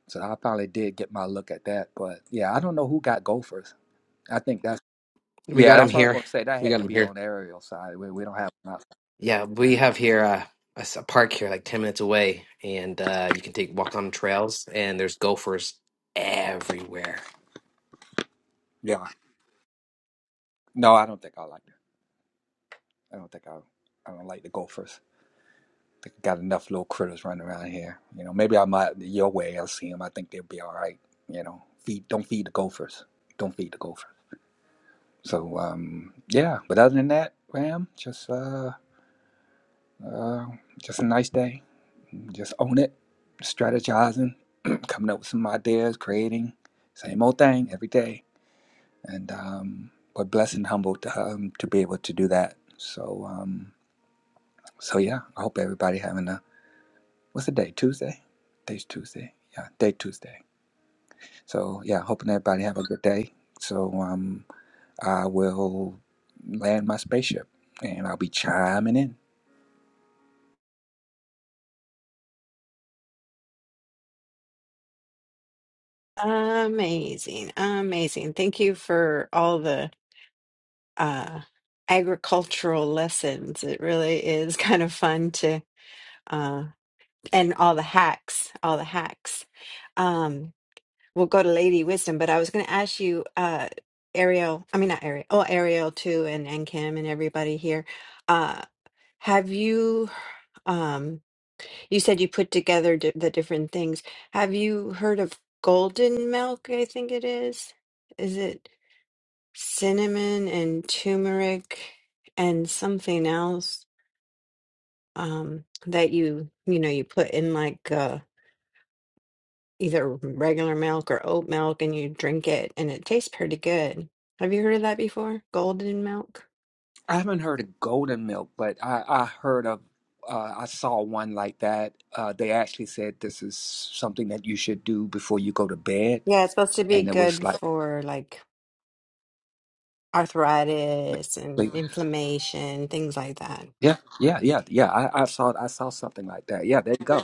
So I finally did get my look at that. But yeah, I don't know who got gophers. I think that's We yeah, got him that's what I was here. gonna say. That We had got to him be here. on Ariel's side. We, we don't have enough. Yeah, we have here uh, a, s- a park here, like 10 minutes away, and uh, you can take walk on trails, and there's gophers everywhere. Yeah, no, I don't think I like that. I don't think I I don't like the Gophers. They got enough little critters running around here. You know, maybe i might your way. I'll see them. I think they'll be all right. You know, feed don't feed the Gophers. Don't feed the Gophers. So um, yeah. But other than that, Ram, just uh, uh, just a nice day. Just own it. Strategizing, coming up with some ideas, creating. Same old thing every day. And um, but blessed and humbled um, to be able to do that. So um, so yeah. I hope everybody having a what's the day? Tuesday? Today's Tuesday. Yeah, day Tuesday. So yeah, hoping everybody have a good day. So um, I will land my spaceship and I'll be chiming in. Amazing, amazing. Thank you for all the uh agricultural lessons. It really is kind of fun to uh and all the hacks, all the hacks. Um, we'll go to Lady Wisdom, but I was going to ask you, uh, Ariel. I mean, not Ariel. Oh, Ariel too, and and Kim and everybody here. Uh, have you? Um, you said you put together di- the different things. Have you heard of golden milk? I think it is. Is it cinnamon and turmeric and something else? Um, that you you know you put in like uh either regular milk or oat milk and you drink it and it tastes pretty good. Have you heard of that before? Golden milk? I haven't heard of golden milk, but I, I heard of uh, I saw one like that. Uh, they actually said this is something that you should do before you go to bed, Yeah, it's supposed to be and it was good like, for like arthritis and inflammation, things like that. yeah, yeah, yeah, yeah. I, I saw I saw something like that. Yeah, there you go.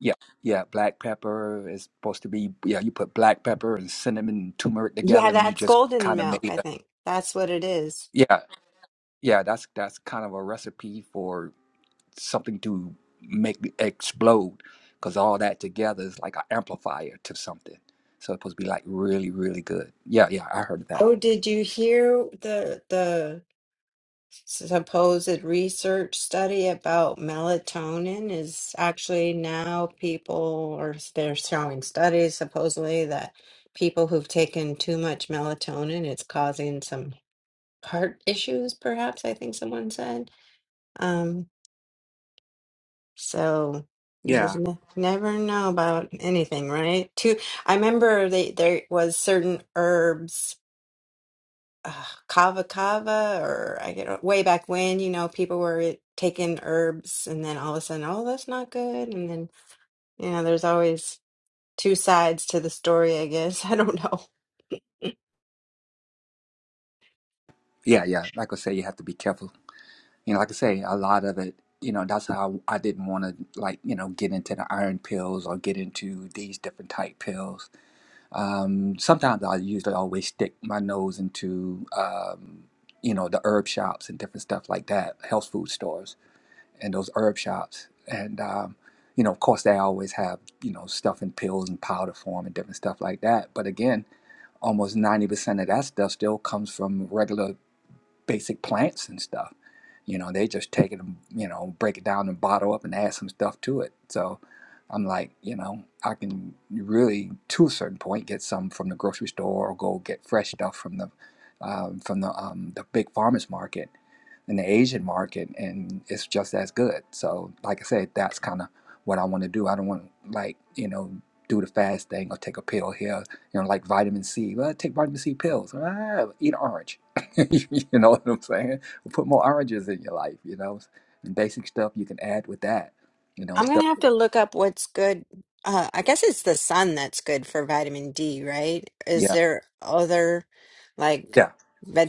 Yeah, yeah. Black pepper is supposed to be yeah. You put black pepper and cinnamon and turmeric Yeah, together, and you that's just golden kind of milk, make I a think. That's what it is. yeah, yeah. That's that's kind of a recipe for something to make explode because all that together is like an amplifier to something. So it's supposed to be like really, really good. Yeah, yeah. I heard of that. Oh, did you hear the the supposed research study about melatonin is actually now people are they're showing studies supposedly that people who've taken too much melatonin it's causing some heart issues perhaps i think someone said um so you just Yeah, ne- never know about anything right too i remember they there was certain herbs uh, kava kava or I get uh, way back when, you know, people were taking herbs and then all of a sudden, oh, that's not good. And then, you know, there's always two sides to the story, I guess. I don't know. yeah, yeah. Like I say, you have to be careful. You know, like I say, a lot of it. You know, that's how I didn't want to like you know get into the iron pills or get into these different type pills Um, sometimes I usually always stick my nose into, um, you know, the herb shops and different stuff like that, health food stores and those herb shops. And, um, you know, of course, they always have, you know, stuff in pills and powder form and different stuff like that. But again, almost 90% of that stuff still comes from regular basic plants and stuff. You know, they just take it and, you know, break it down and bottle up and add some stuff to it. So I'm like, you know, I can really, to a certain point, get some from the grocery store or go get fresh stuff from the um, from the um, the big farmers market and the Asian market, and it's just as good. So, like I said, that's kind of what I want to do. I don't want to like you know do the fast thing or take a pill here, you know, like vitamin C. Well, take vitamin C pills. Ah, eat orange. you know what I'm saying? Well, Put more oranges in your life, you know, and basic stuff you can add with that, you know, I'm stuff. gonna have to look up what's good. Uh, I guess it's the sun that's good for vitamin D, right? Is Yeah, there other like yeah,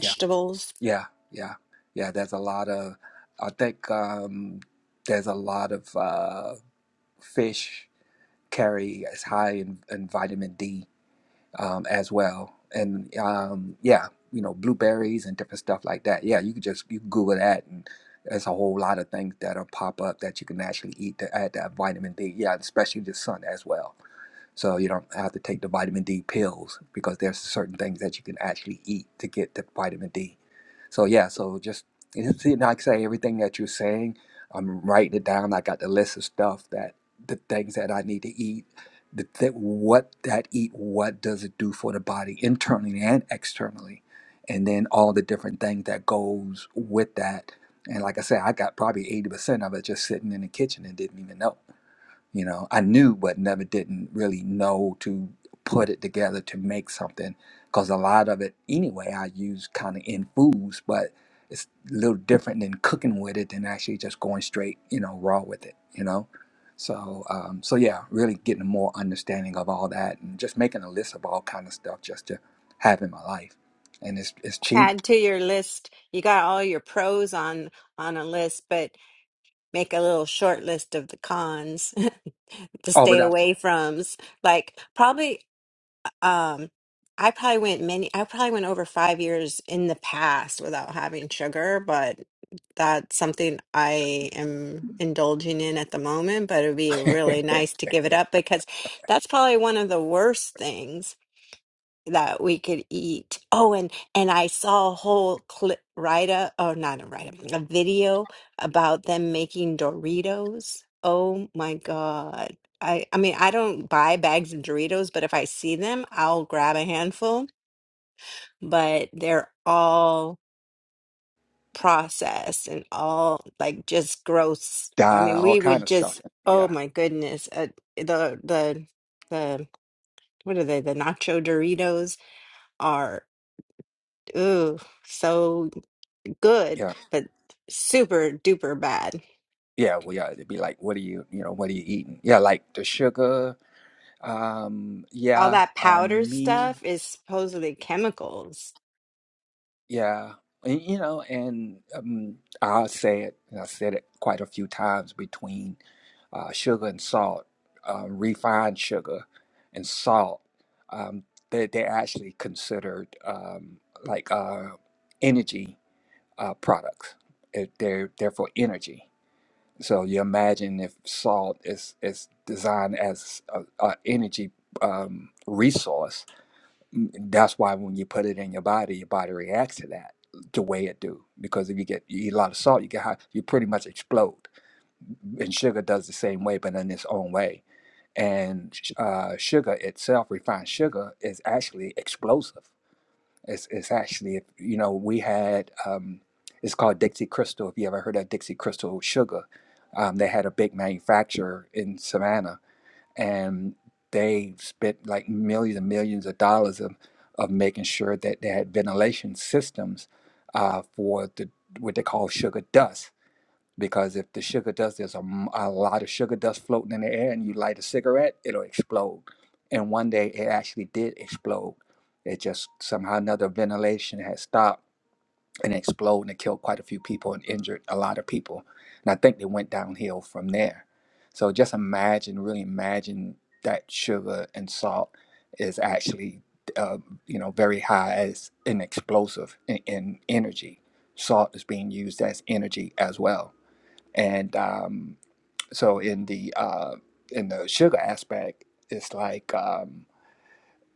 yeah, yeah, yeah, yeah. There's a lot of, I think um, there's a lot of uh, fish carry as high in, in vitamin D um, as well. And um, yeah, you know, blueberries and different stuff like that. Yeah, you could just you can Google that, and there's a whole lot of things that'll pop up that you can actually eat to add that vitamin D. Yeah, especially the sun as well. So you don't have to take the vitamin D pills because there's certain things that you can actually eat to get the vitamin D. So yeah, so just it's- and like I say, everything that you're saying, I'm writing it down. I got the list of stuff that the things that I need to eat, the, th- what that eat, what does it do for the body internally and externally, and then all the different things that goes with that. And like I said, I got probably eighty percent of it just sitting in the kitchen and didn't even know you know i knew but never didn't really know to put it together to make something because a lot of it anyway i use kind of in foods but it's a little different than cooking with it than actually just going straight you know raw with it you know so um, so yeah really getting a more understanding of all that and just making a list of all kind of stuff just to have in my life and it's it's cheap Add to your list. You got all your pros on on a list, but make a little short list of the cons to oh stay without away from. Like probably um I probably went many I probably went over 5 years in the past without having sugar, but that's something I am indulging in at the moment, but it would be really nice to give it up because that's probably one of the worst things that we could eat. Oh, and and I saw a whole clip write up, oh, not a write up, a video about them making Doritos. Oh my God. I I mean, I don't buy bags of Doritos, but if I see them, I'll grab a handful. But they're all processed and all like just gross. I dye mean, all we kind would of stuff just, oh yeah my goodness, uh, the the the what are they? The nacho Doritos are. Ooh, so good, yeah but super duper bad. yeah well yeah it'd be like what are you you know what are you eating yeah like the sugar Um, All yeah, that powder um, me, stuff is supposedly chemicals. yeah, and, you know, and um, I'll say it, and I said it quite a few times between uh, sugar and salt, uh, refined sugar and salt. Um, they, they're actually considered um, like uh, energy uh, products. It, they're they're for energy. So you imagine if salt is is designed as a, a energy um, resource Mm, That's why when you put it in your body, your body reacts to that the way it do. Because if you get you eat a lot of salt, you get high, you pretty much explode. And sugar does the same way, but in its own way. And sh- uh, sugar itself, refined sugar, is actually explosive. It's, it's actually, you know, we had um, it's called Dixie Crystal. If you ever heard of Dixie Crystal sugar, um, they had a big manufacturer in Savannah and they spent like millions and millions of dollars of, of making sure that they had ventilation systems uh, for the what they call sugar dust. Because if the sugar dust, there's a, m- a lot of sugar dust floating in the air, and you light a cigarette, it'll explode. And one day it actually did explode. It just somehow another ventilation had stopped and explode and it killed quite a few people and injured a lot of people. And I think they went downhill from there. So just imagine, really imagine that sugar and salt is actually, uh, you know, very high as an explosive in, in energy. Salt is being used as energy as well. And um, so in the uh, in the sugar aspect, it's like. Um,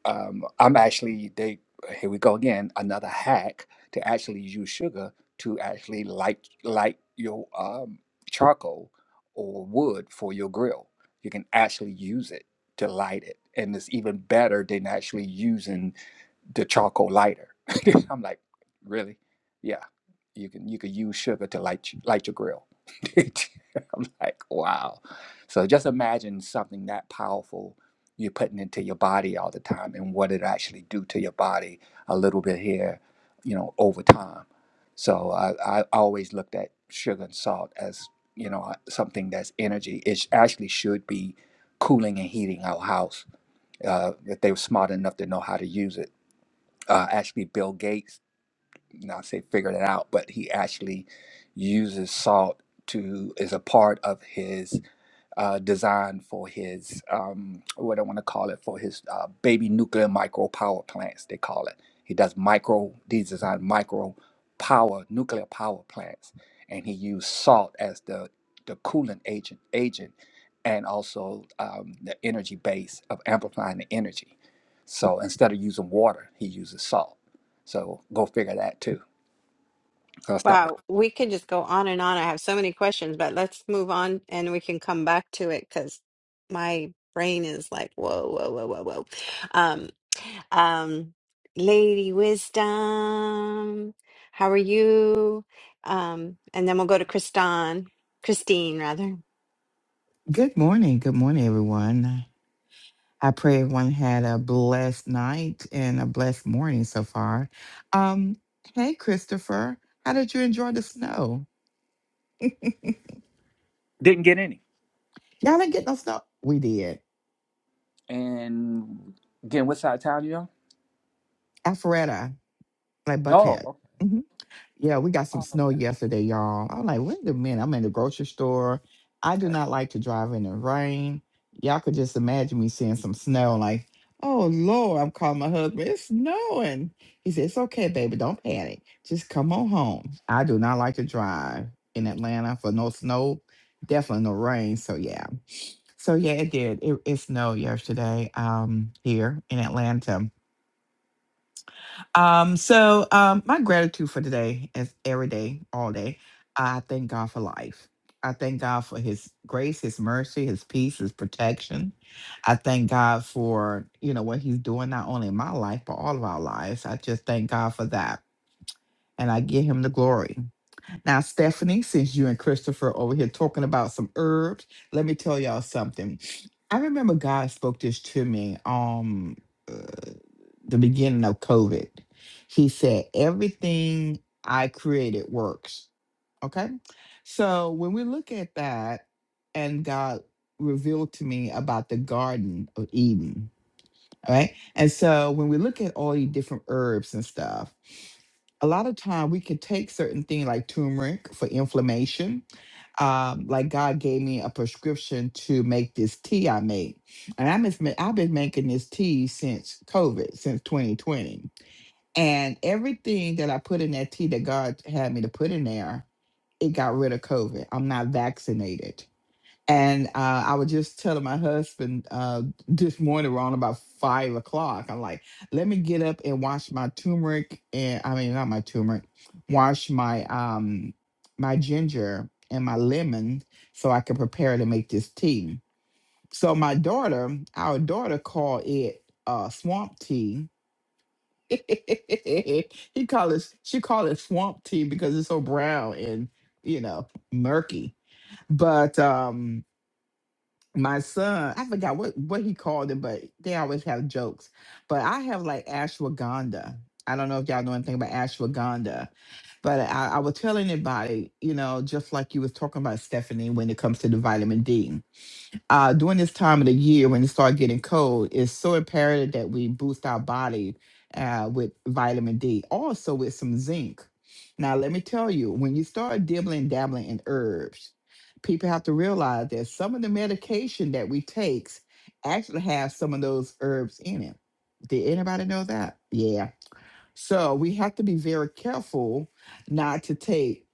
um, I'm actually they here we go again another hack to actually use sugar to actually light light your um, charcoal or wood for your grill. You can actually use it to light it, and it's even better than actually using the charcoal lighter. I'm like, really? Yeah, you can you can use sugar to light light your grill. I'm like, wow. So just imagine something that powerful you're putting into your body all the time, and what it actually do to your body a little bit here, you know, over time. So I, I always looked at sugar and salt as you know something that's energy. It sh- actually should be cooling and heating our house uh, if they were smart enough to know how to use it. Uh, actually, Bill Gates not say figured it out, but he actually uses salt to is a part of his uh, design for his um, what I want to call it for his uh, baby nuclear micro power plants. They call it. He does micro. He designed micro power nuclear power plants, and he used salt as the the coolant agent agent, and also um, the energy base of amplifying the energy. So instead of using water, he uses salt. So go figure that too. So I'll stop right Wow, we could just go on and on. I have so many questions, but let's move on and we can come back to it because my brain is like, whoa, whoa, whoa, whoa, whoa. Um, um, Lady Wisdom, how are you? Um, and then we'll go to Kristan, Christine, rather. Good morning. Good morning, everyone. I pray everyone had a blessed night and a blessed morning so far. Um, hey, Christopher, how did you enjoy the snow? there. Didn't get any. Y'all didn't get no snow. We did. And again, what side of town you on? Alpharetta, like Oh, Buckhead. okay. Mm-hmm. Yeah, we got some oh snow yeah. yesterday, y'all. I'm like, wait a minute. I'm in the grocery store. I do Okay. not like to drive in the rain. Y'all could just imagine me seeing some snow. Like, oh Lord, I'm calling my husband. It's snowing. He said, It's okay, baby. Don't panic. Just come on home. I do not like to drive in Atlanta for no snow, definitely no rain. So yeah. So yeah, it did. It, it snowed yesterday um here in Atlanta um, so um, my gratitude for today is every day, all day. I thank God for life. I thank God for His grace, His mercy, His peace, His protection. I thank God for you know what He's doing not only in my life but all of our lives. I just thank God for that, and I give Him the glory. Now, Stephanie, since you and Christopher are over here talking about some herbs, let me tell y'all something. I remember God spoke this to me um uh, the beginning of COVID. He said, "Everything I created works." Okay, so when we look at that, and God revealed to me about the Garden of Eden. All right, and so when we look at all these different herbs and stuff a lot of time we can take certain things like turmeric for inflammation. Um, like God gave me a prescription to make this tea I made, and I'm just, ma- I've been making this tea since COVID, since 2020, and everything that I put in that tea that God had me to put in there, it got rid of COVID. I'm not vaccinated, and uh, I was just telling my husband uh, this morning around about five o'clock. I'm like, let me get up and wash my turmeric and I mean not my turmeric, wash my um my ginger and my lemon so I can prepare to make this tea. So my daughter, our daughter called it uh swamp tea. he call it she called it swamp tea because it's so brown and you know murky. But um my son, I forgot what what he called it, but they always have jokes. But I have like ashwagandha. I don't know if y'all know anything about ashwagandha, but I, I was telling anybody, you know, just like you was talking about Stephanie, when it comes to the vitamin D uh, during this time of the year when it starts getting cold, it's so imperative that we boost our body uh, with vitamin D, also with some zinc. Now, let me tell you, when you start dibbling, dabbling in herbs, people have to realize that some of the medication that we takes actually have some of those herbs in it. Did anybody know that? Yeah so we have to be very careful not to take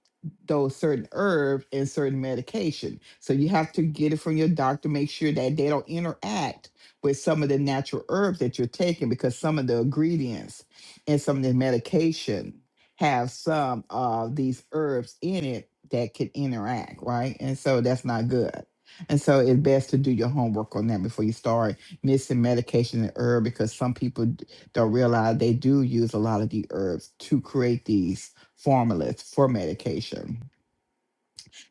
those certain herbs and certain medication. So you have to get it from your doctor, make sure that they don't interact with some of the natural herbs that you're taking because some of the ingredients and some of the medication have some of these herbs in it that can interact, right? And so that's not good. And so it's best to do your homework on that before you start mixing medication and herb because some people don't realize they do use a lot of the herbs to create these formulas for medication.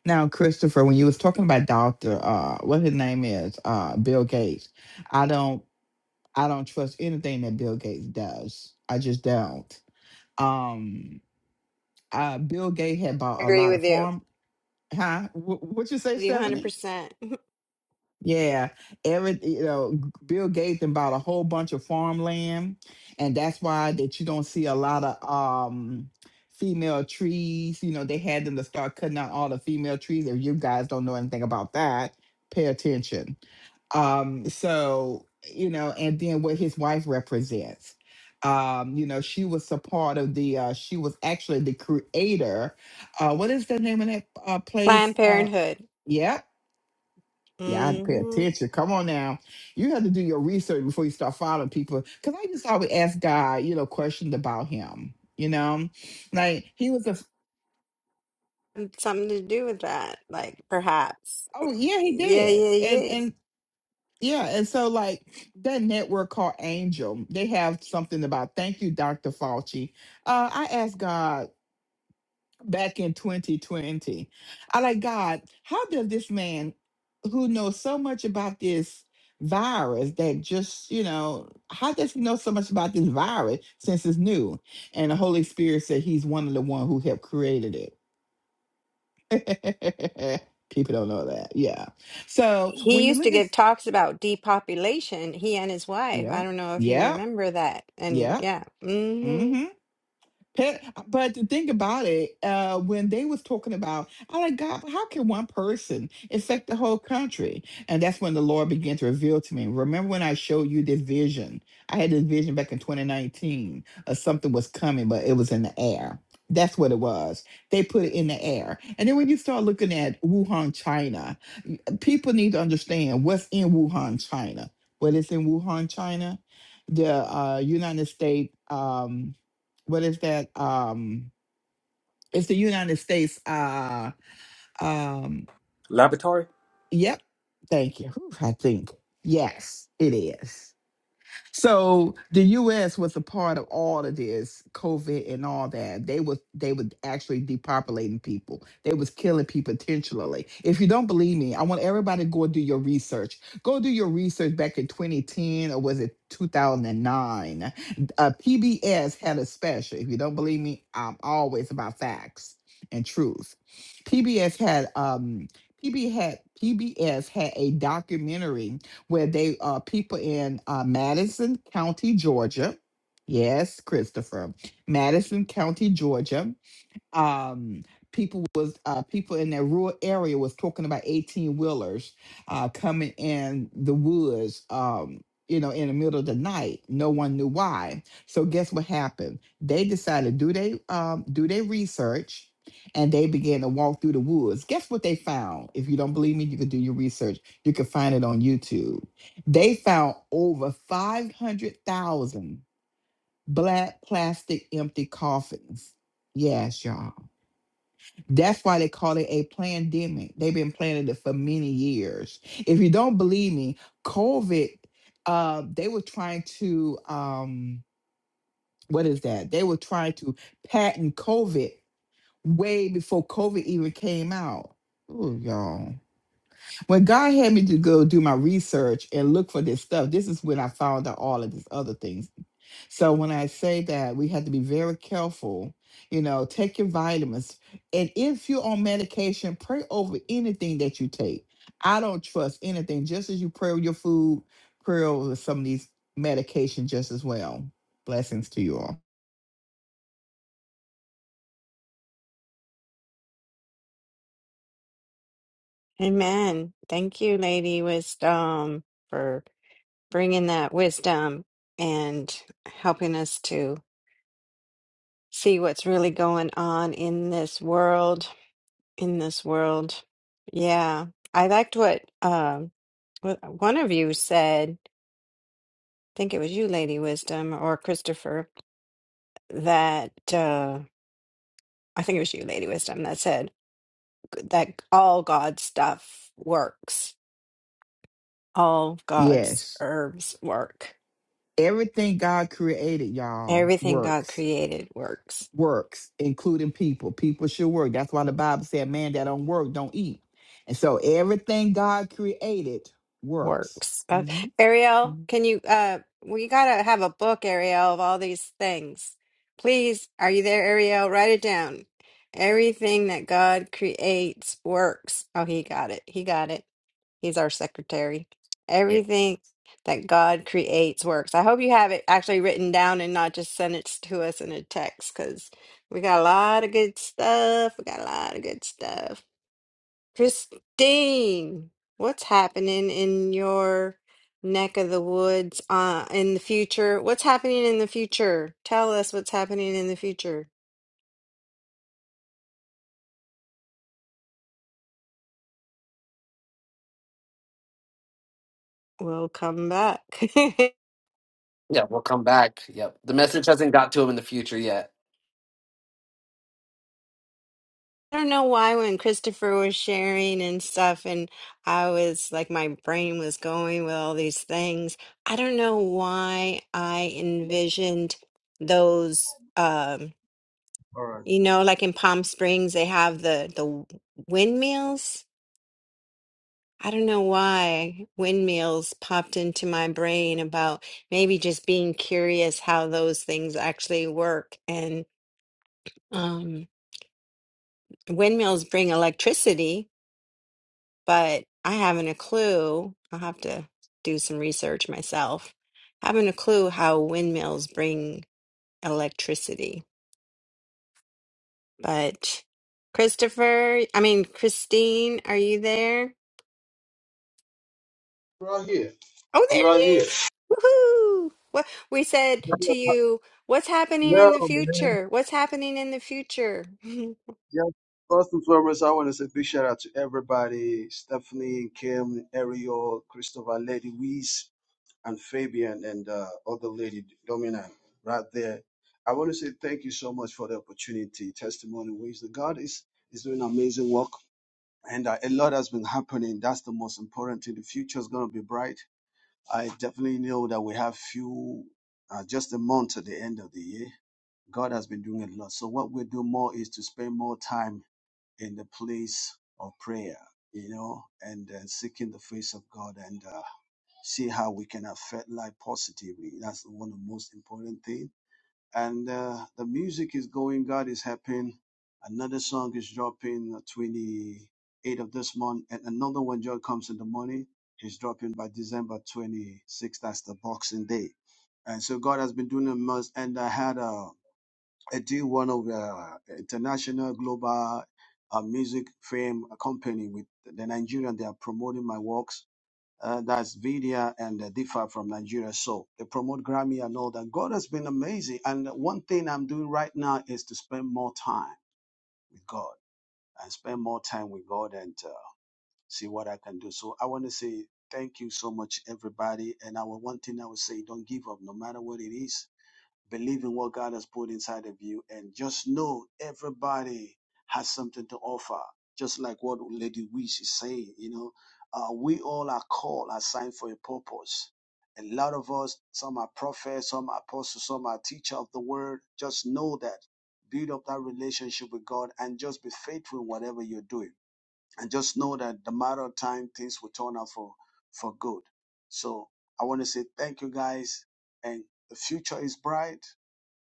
Now, Christopher, when you was talking about Doctor, uh, what his name is, uh, Bill Gates, I don't, I don't trust anything that Bill Gates does. I just don't. Um, uh, Bill Gates had bought a Agree lot of with you. farm. Huh? Wh- what you say, With you Stephanie? 100%. Yeah, every you know, G- Bill Gates and bought a whole bunch of farmland, and that's why that you don't see a lot of um female trees. You know, they had them to start cutting out all the female trees. If you guys don't know anything about that, pay attention. Um, so you know, and then what his wife represents. Um, you know, she was a part of the. Uh, she was actually the creator. Uh, what is the name of that uh, place? Planned Uh, Parenthood. yeah. Yeah, I had to pay hmm attention. Come on now. You have to do your research before you start following people. Because I just always ask God, you know, questions about him. You know, like he was a, Something to do with that, like perhaps. oh, yeah, he Yeah, did. yeah, And, yeah. and, yeah, and so like that network called Angel, they have something about thank you, Dr. Fauci. Uh, I asked God back in 2020. I like God, how does this man who knows so much about this virus that just, you know, how does he know so much about this virus since it's new? And the Holy Spirit said he's one of the one who helped created it. People don't know that. Yeah. So when He you used to look at give talks about depopulation, he and his wife. I yeah, don't know if you yeah, remember that. And yeah. yeah. hmm mm-hmm. Pe- But to think about it, uh, when they was talking about, I like God, how can one person affect the whole country? And that's when the Lord began to reveal to me. Remember when I showed you this vision? I had this vision back in 2019 of something was coming, but it was in the air. That's what it was. They put it in the air. And then when you start looking at Wuhan, China, people need to understand what's in Wuhan, China. What is in Wuhan, China? The uh, United States, um, what is that? Um, it's the United States. Uh, um, Laboratory? yep. Thank you. Whew, I think. Yes, it is. So the U.S. was a part of all of this COVID and all that. They was they were actually depopulating people. They was killing people intentionally. If you don't believe me, I want everybody to go do your research. Go do your research back in 2010 or was it 2009? Uh, PBS had a special. If you don't believe me, I'm always about facts and truth. PBS had um PB had PBS had a documentary where they are people in uh, Madison County, Georgia. Yes, Christopher, Madison County, Georgia um people was uh people in that rural area was talking about 18 wheelers uh coming in the woods um you know in the middle of the night no one knew why so guess what happened they decided do they um do their research and they began to walk through the woods guess what they found if you don't believe me you can do your research you can find it on youtube they found over 500000 black plastic empty coffins yes y'all that's why they call it a pandemic. They've been planning it for many years. If you don't believe me, COVID, uh, they were trying to, um, what is that? They were trying to patent COVID way before COVID even came out. Ooh, y'all. When God had me to go do my research and look for this stuff, this is when I found out all of these other things. So when I say that, we have to be very careful. You know, take your vitamins. And if you're on medication, pray over anything that you take. I don't trust anything, just as you pray over your food, pray over some of these medications just as well. Blessings to you all. Amen. Thank you, Lady Wisdom, for bringing that wisdom and helping us to see what's really going on in this world in this world. Yeah, I liked what um what one of you said. I think it was you, Lady Wisdom, or Christopher. That uh, I think it was you, Lady Wisdom, that said that all God's stuff works. All God's Yes. herbs work. Everything God created, y'all, Everything God works. created works. Works, including people. People should work. That's why the Bible said, man that don't work, don't eat. And so everything God created works. works. Uh, hmm Ariel, can you uh we gotta have a book, Ariel, of all these things. Please, are you there, Ariel? Write it down. Everything that God creates works. Oh, he got it. He got it. He's our secretary. Yeah, Everything that God creates works. I hope you have it actually written down and not just send it to us in a text because we got a lot of good stuff. We got a lot of good stuff. Christine, what's happening in your neck of the woods uh, in the future? What's happening in the future? Tell us what's happening in the future. We'll come back. I yeah, we'll come back. Yep, the message hasn't got to him in the future yet. don't know why when Christopher was sharing and stuff, and I was like, my brain was going with all these things. I don't know why I envisioned those, um, All right. you know, like in Palm Springs, they have the the windmills I don't know why windmills popped into my brain about maybe just being curious how those things actually work. And um, windmills bring electricity, but I haven't a clue. I'll have to do some research myself. Haven't a clue how windmills bring electricity. But Christopher, I mean, Christine, are you there? Right here. Oh, I'm there right he here. is. Woohoo! What we said to you, what's happening No, in the man. future? What's happening in the future? Yeah. First and foremost, I want to say big shout out to everybody Stephanie, Kim, Ariel, Christopher, Lady Weeze, and Fabian, and uh, other lady Domina right there. I want to say thank you so much for the opportunity, testimony, ways that God is, is doing amazing work. And uh, a lot has been happening. That's the most important thing. The future is going to be bright. I definitely know that we have few, uh, just a month at the end of the year. God has been doing a lot. So what we do more is to spend more time in the place of prayer, you know, and uh, seeking the face of God and uh, see how we can affect life positively. That's one of the most important thing. And uh, the music is going. God is helping. Another song is dropping uh, 28 of this month, and another one just comes in the morning. Is dropping by December 26th. That's the Boxing Day. And so God has been doing the most. And I had a I do one of the international global uh, music fame company with the Nigerian. They are promoting my works. Uh, that's Vidia and uh, Difa from Nigeria. So they promote Grammy and all that. God has been amazing. And one thing I'm doing right now is to spend more time with God and spend more time with God and uh, see what I can do. So I want to say thank you so much, everybody. And our one thing I would say, don't give up no matter what it is Believe in what God has put inside of you and just know everybody has something to offer. Just like what Lady Wish is saying, you know, uh, we all are called, assigned for a purpose. A lot of us, some are prophets, some are apostles, some are teacher of the word. Just know that. Build up that relationship with God and just be faithful in whatever you're doing. And just know that the matter of time, things will turn out for, for good. So I want to say thank you guys. And the future is bright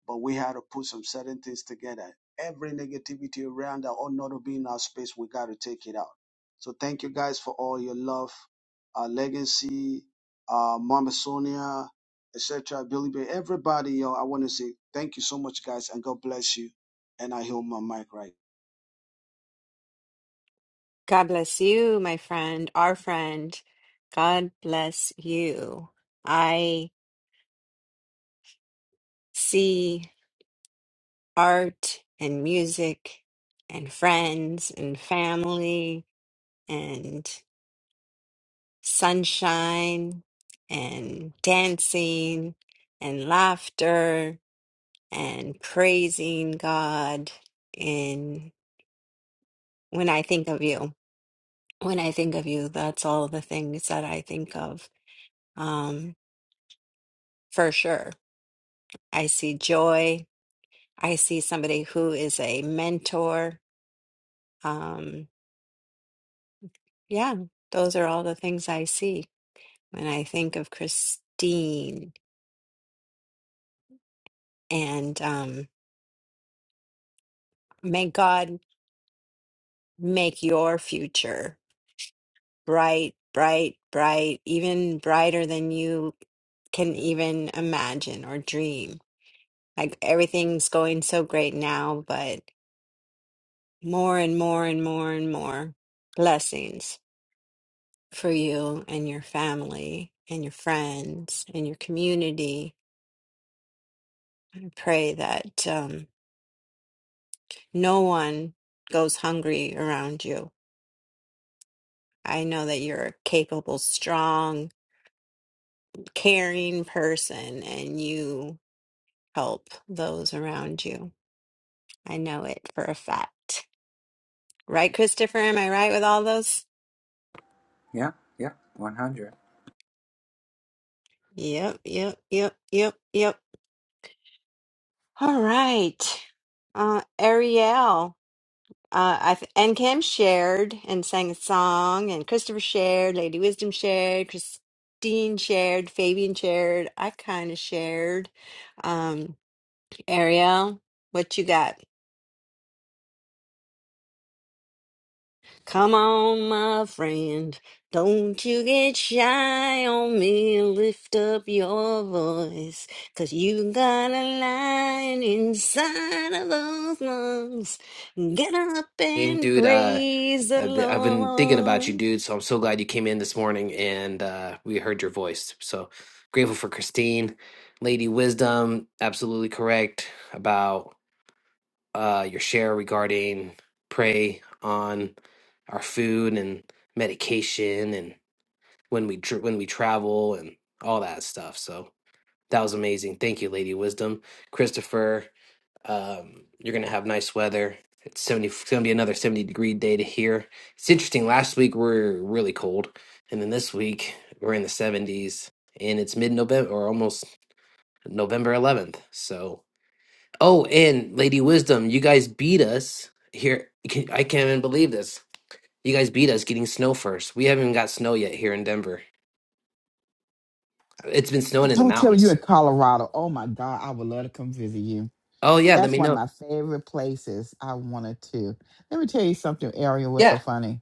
but we had to put some certain things together. Every negativity around that ought not to be in our space, we got to take it out. So thank you guys for all your love, uh, legacy, uh, Mama Sonia, etc. Billy Bear, everybody, yo, I want to say thank you so much, guys, and God bless you. And I heal my mic right. God bless you, my friend, our friend. God bless you. I see art and music and friends and family and sunshine and dancing and laughter and praising God. And when I think of you, when I think of you, that's all the things that I think of um, for sure. I see joy. I see somebody who is a mentor. Um, yeah, those are all the things I see when I think of Christine. And um, may God make your future. bright, bright, bright, even brighter than you can now. even imagine or dream. Like everything's going so great now, but more and more and more and more blessings for you and your family and your friends and your community. I pray that um, no one goes hungry around you. I know that you're a capable, strong, caring person and you help those around you. I know it for a fact. Right, Christopher? Am I right with all those? Yeah, yeah. 100. Yep, yep, yep, yep, yep. All right. Uh, Ariel uh, I th- and Kim shared and sang a song, and Christopher shared, Lady Wisdom shared, Christine shared, Fabian shared. I kind of shared. Um, Ariel, what you got? Come on, my friend, don't you get shy on me. Lift up your voice, 'cause you got a lion inside of those lungs. Get up Hey, and dude, uh, praise the I've been, I've been thinking about you, Lord. dude. So I'm so glad you came in this morning and uh, we heard your voice. So grateful for Christine, Lady Wisdom, absolutely correct about uh, your share regarding prey on our food and medication and when we dr- when we travel and all that stuff. So that was amazing. Thank you, Lady Wisdom, Christopher. Um, you're going to have nice weather. It's 70, it's going to be another 70 degree day to here. It's interesting. Last week we are really cold, and then this week we're in the 70s, and it's mid November or almost November 11th. So, oh, and Lady Wisdom, you guys beat us here. I can't I can't even believe this. You guys beat us getting snow first. We haven't even got snow yet here in Denver. It's been snowing in the Don't tell me you're mountains. in Colorado. Oh my God, I would love to come visit you. Oh, yeah, let That's me one of know. my favorite places I wanted to. Let me tell you something, Ariel, what's Yeah. so funny.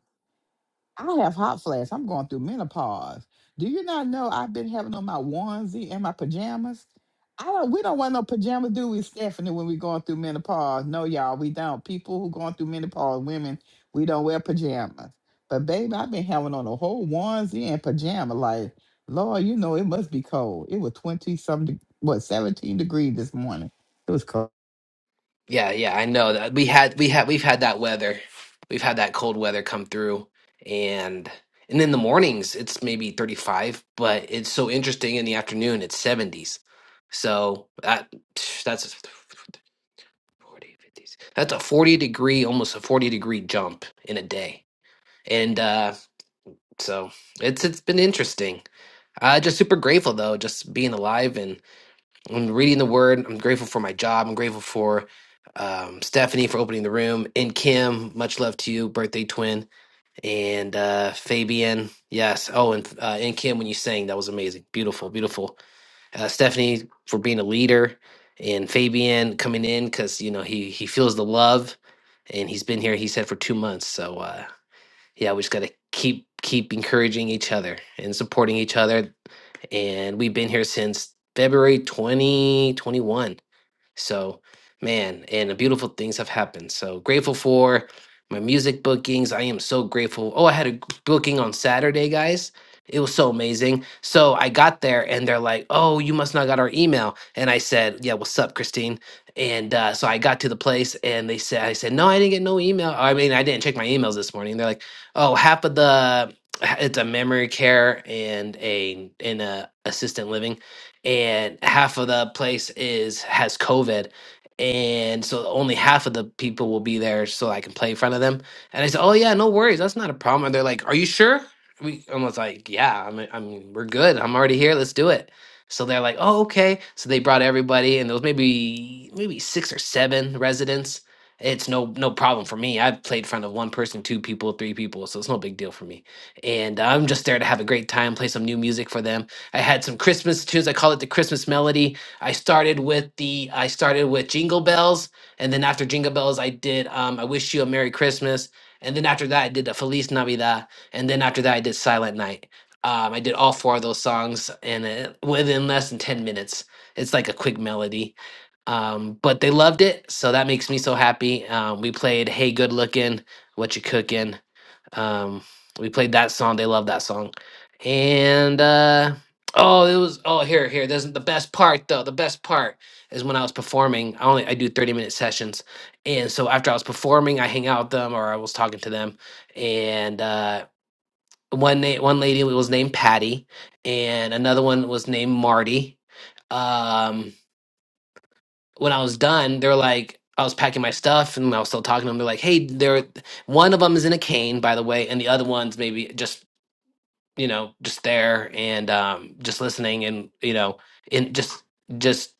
I have hot flashes. I'm going through menopause. Do you not know I've been having on my onesie and my pajamas? I don't. We don't want no pajamas, do we, Stephanie? When we going through menopause, no, y'all, we don't. People who going through menopause, women, we don't wear pajamas. But baby, I've been having on a whole onesie and pajama. Like, Lord, you know it must be cold. It was twenty something, what seventeen degrees this morning. It was cold. Yeah, yeah, I know that we had we had we've had that weather. We've had that cold weather come through and and in the mornings it's maybe 35, but it's so interesting in the afternoon it's 70s. So that that's 40 fifties, That's a 40 degree almost a 40 degree jump in a day. And uh so it's it's been interesting. Uh just super grateful though just being alive I'm reading the word. I'm grateful for my job. I'm grateful for um, Stephanie for opening the room. And Kim, much love to you, birthday twin. And uh, Fabian, yes. Oh, and uh, and Kim, when you sang, that was amazing. Beautiful, beautiful. Uh, Stephanie for being a leader, and Fabian coming in because you know he he feels the love, and he's been here. He said for two months. So uh, yeah, we just gotta keep keep encouraging each other and supporting each other. And we've been here since February 2021. So, man, and the beautiful things have happened. So grateful for my music bookings. I am so grateful. Oh, I had a booking on Saturday, guys. It was so amazing. So I got there and they're like, "Oh, you must not got our email." And I said, "Yeah, what's up, Christine?" And uh, so I got to the place and they said, "I said no, I didn't get no email. I mean, I didn't check my emails this morning." They're like, "Oh, half of the it's a memory care and a and a assistant living." and half of the place is has COVID, and so only half of the people will be there, so I can play in front of them. And I said, "Oh yeah, no worries, that's not a problem." And they're like, "Are you sure?" We I was like, "Yeah, I mean, I mean, we're good. I'm already here. Let's do it." So they're like, "Oh okay." So they brought everybody, and there was maybe maybe six or seven residents. It's no no problem for me. I've played in front of one person, two people, three people, so it's no big deal for me. And I'm just there to have a great time, play some new music for them I had some Christmas tunes. I call it the Christmas melody. I started with the I started with Jingle Bells, and then after Jingle Bells, I did um, I Wish You a Merry Christmas, and then after that, I did a Feliz Navidad, and then after that, I did Silent Night. Um, I did all four of those songs, and uh, within less than ten minutes, it's like a quick melody. Um, but they loved it, so that makes me so happy. Um, we played Hey Good Looking, What You Cooking um, we played that song. They love that song. And uh, oh, it was oh here here. This is the best part though. The best part is when I was performing. I only I do thirty minute sessions, and so after I was performing, I hang out with them or I was talking to them. And uh, one na- one lady was named Patty, and another one was named Marty. Um, when I was done, they are like. I was packing my stuff and I was still talking to them. They're like, "Hey, they're one of them is in a cane, by the way, and the other one's maybe just you know, just there and um, just listening and you know, and just just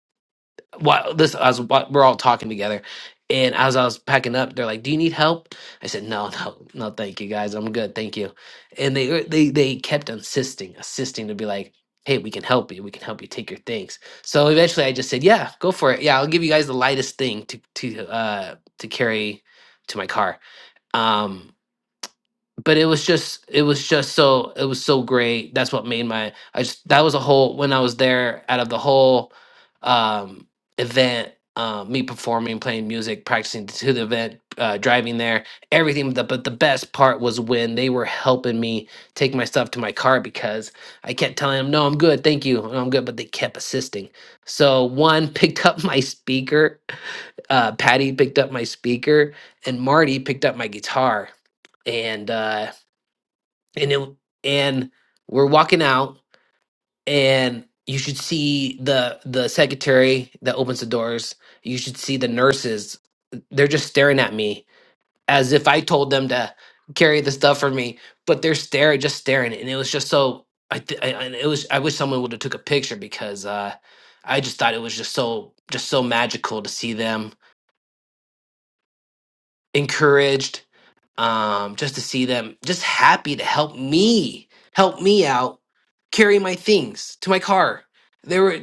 while this I was while we're all talking together, and as I was packing up, they're like, "Do you need help?" I said, "No, no, no, thank you guys, I'm good, thank you." And they were- they they kept insisting, insisting to be like. Hey, we can help you. We can help you take your things. So eventually, I just said, "Yeah, go for it. Yeah, I'll give you guys the lightest thing to to uh to carry to my car." Um, but it was just it was just so it was so great that's what made my i just that was a whole when i was there out of the whole um event uh, me performing playing music practicing to the event uh, driving there everything but the, but the best part was when they were helping me take my stuff to my car because i kept telling them no i'm good thank you no, i'm good but they kept assisting so one picked up my speaker uh, patty picked up my speaker and marty picked up my guitar and uh, and it and we're walking out and you should see the the secretary that opens the doors you should see the nurses they're just staring at me as if i told them to carry the stuff for me but they're staring just staring and it was just so i, th- I and it was i wish someone would have took a picture because uh i just thought it was just so just so magical to see them encouraged um just to see them just happy to help me help me out carry my things to my car they were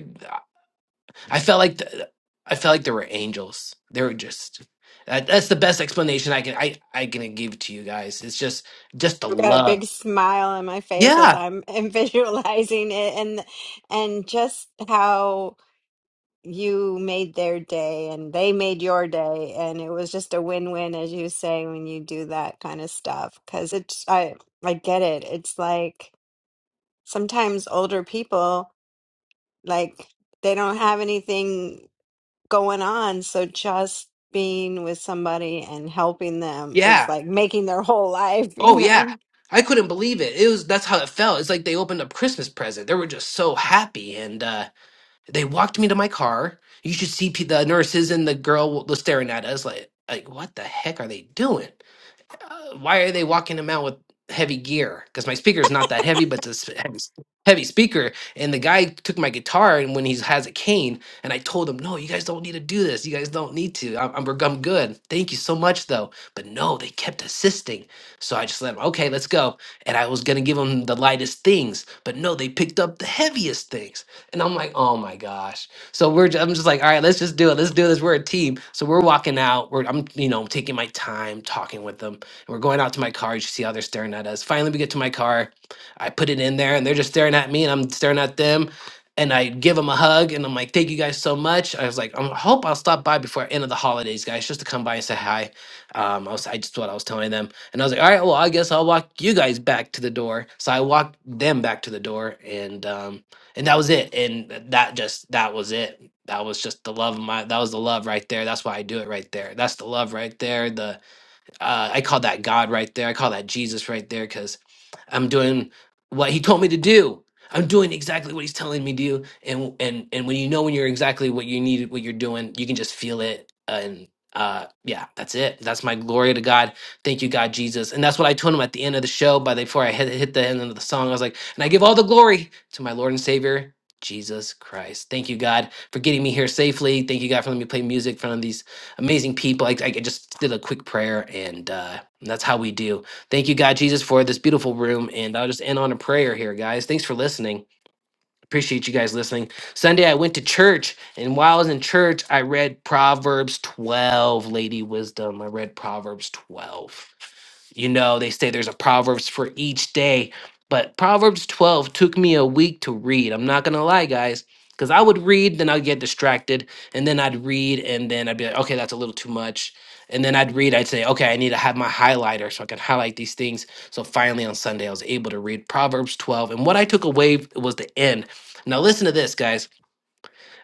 i felt like the, i felt like there were angels they were just that, that's the best explanation i can i i can give to you guys it's just just the I've got a love big smile on my face as yeah I'm visualizing it and and just how you made their day and they made your day and it was just a win-win as you say when you do that kind of stuff because it's I I get it it's like sometimes older people like they don't have anything going on so just being with somebody and helping them is yeah like making their whole life oh you yeah know i couldn't believe it it was that's how it felt it's like they opened up christmas present they were just so happy and uh They walked me to my car. You should see pe- the nurses and the girl was staring at us like, like what the heck are they doing? uh, why are they walking him out with heavy gear? Because my speaker is not that heavy, but this heavy, heavy speaker. And the guy took my guitar, and when he has a cane, and I told him, no, you guys don't need to do this. You guys don't need to. I'm, I'm, we're- I'm good. Thank you so much, though. But no, they kept assisting. So I just let him, okay, let's go. And I was going to give him the lightest things, but no, they picked up the heaviest things. And I'm like, oh my gosh. So we're just, I'm just like, all right, let's just do it. Let's do this. We're a team. So we're walking out. We're I'm you know taking my time talking with them and we're going out to my car. You should see how they're staring at us. Finally, we get to my car. I put it in there, and they're just staring at me, and I'm staring at them. And I give them a hug, and I'm like, "Thank you guys so much." I was like, "I hope I'll stop by before end of the holidays, guys, just to come by and say hi." Um, I was, I just what I was telling them, and I was like, "All right, well, I guess I'll walk you guys back to the door." So I walked them back to the door, and um, and that was it. And th- that just that was it that was just the love of my that was the love right there that's why i do it right there that's the love right there The uh, I call that God right there. I call that Jesus right there because I'm doing what He told me to do. I'm doing exactly what He's telling me to do. And and and when you know when you're exactly what you need, what you're doing, you can just feel it. And uh, yeah, that's it. That's my glory to God. Thank you, God, Jesus. And that's what I told him at the end of the show. By the, before I hit, hit the end of the song, I was like, and I give all the glory to my Lord and Savior. Jesus Christ. Thank you, God, for getting me here safely. Thank you, God, for letting me play music in front of these amazing people. I, I just did a quick prayer, and uh, that's how we do. Thank you, God Jesus, for this beautiful room. And I'll just end on a prayer here, guys. Thanks for listening. Appreciate you guys listening. Sunday, I went to church, and while I was in church, I read Proverbs 12, Lady Wisdom. I read Proverbs 12. You know, they say there's a Proverbs for each day, but Proverbs 12 took me a week to read. I'm not going to lie, guys, because I would read, then I'd get distracted, and then I'd read, and then I'd be like, okay, that's a little too much. And then I'd read, I'd say, okay, I need to have my highlighter so I can highlight these things. So finally on Sunday, I was able to read Proverbs 12. And what I took away was the end. Now, listen to this, guys.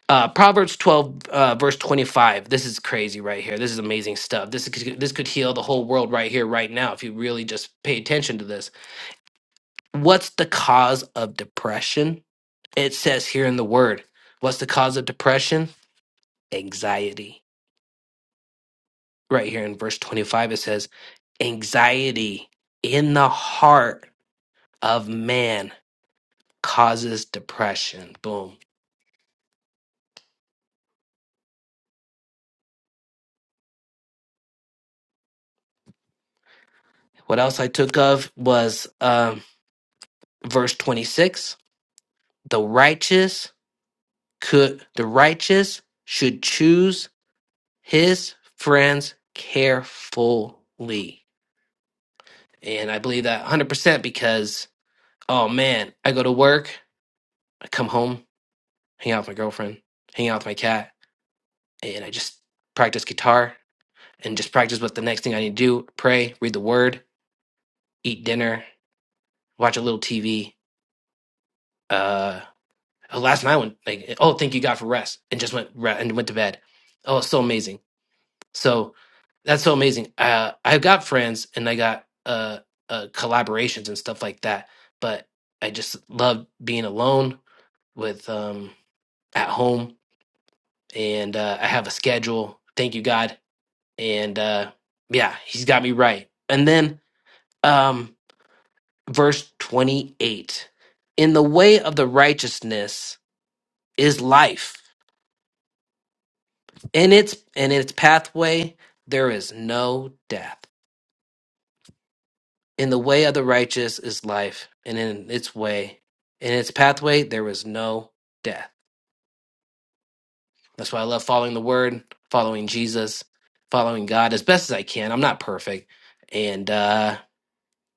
Uh, Proverbs 12, uh, verse 25. This is crazy right here. This is amazing stuff. This could, this could heal the whole world right here, right now, if you really just pay attention to this. What's the cause of depression? It says here in the word, what's the cause of depression? Anxiety. Right here in verse 25, it says, anxiety in the heart of man causes depression. Boom. What else I took of was um, verse 26. The righteous Could the righteous should choose his friends carefully? And I believe that 100% because, oh man, I go to work, I come home, hang out with my girlfriend, hang out with my cat, and I just practice guitar and just practice what the next thing I need to do pray, read the word, eat dinner, watch a little TV. Uh, oh, last night, I went like, oh, thank you God for rest, and just went re- and went to bed. Oh, it's so amazing So that's so amazing. Uh, I've got friends and I got uh, uh, collaborations and stuff like that, but I just love being alone with um, at home and uh, I have a schedule. Thank you, God. And uh, yeah, He's got me right. And then um, verse 28 In the way of the righteousness is life, in its, in its pathway, there is no death. In the way of the righteous is life, and in its way, in its pathway, there is no death. That's why I love following the word, following Jesus, following God as best as I can. I'm not perfect. And uh,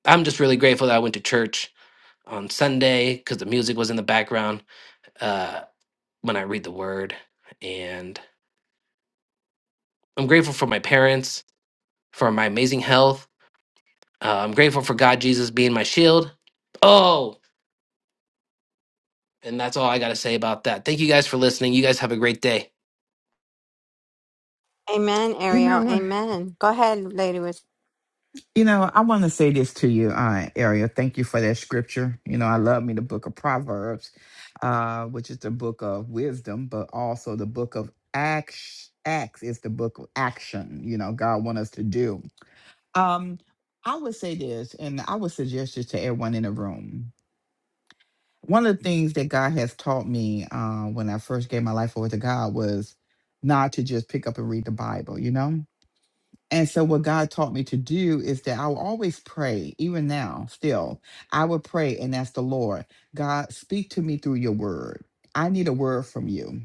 I'm just really grateful that I went to church on Sunday because the music was in the background uh, when I read the word. And I'm grateful for my parents, for my amazing health. Uh, I'm grateful for God, Jesus being my shield. Oh, And that's all I got to say about that. Thank you guys for listening. You guys have a great day. amen You Ariel know what? amen go ahead lady with You know, I want to say this to you, uh, Ariel. Thank you for that scripture. You know, I love me the book of Proverbs, uh, which is the book of wisdom, but also the book of acts. Acts is the book of action. You know, God want us to do. Um, I would say this, and I would suggest this to everyone in the room. One of the things that God has taught me uh, when I first gave my life over to God was not to just pick up and read the Bible. You know, and so, what God taught me to do is that I will always pray, even now, still. I would pray and ask the Lord, God, speak to me through your word. I need a word from you.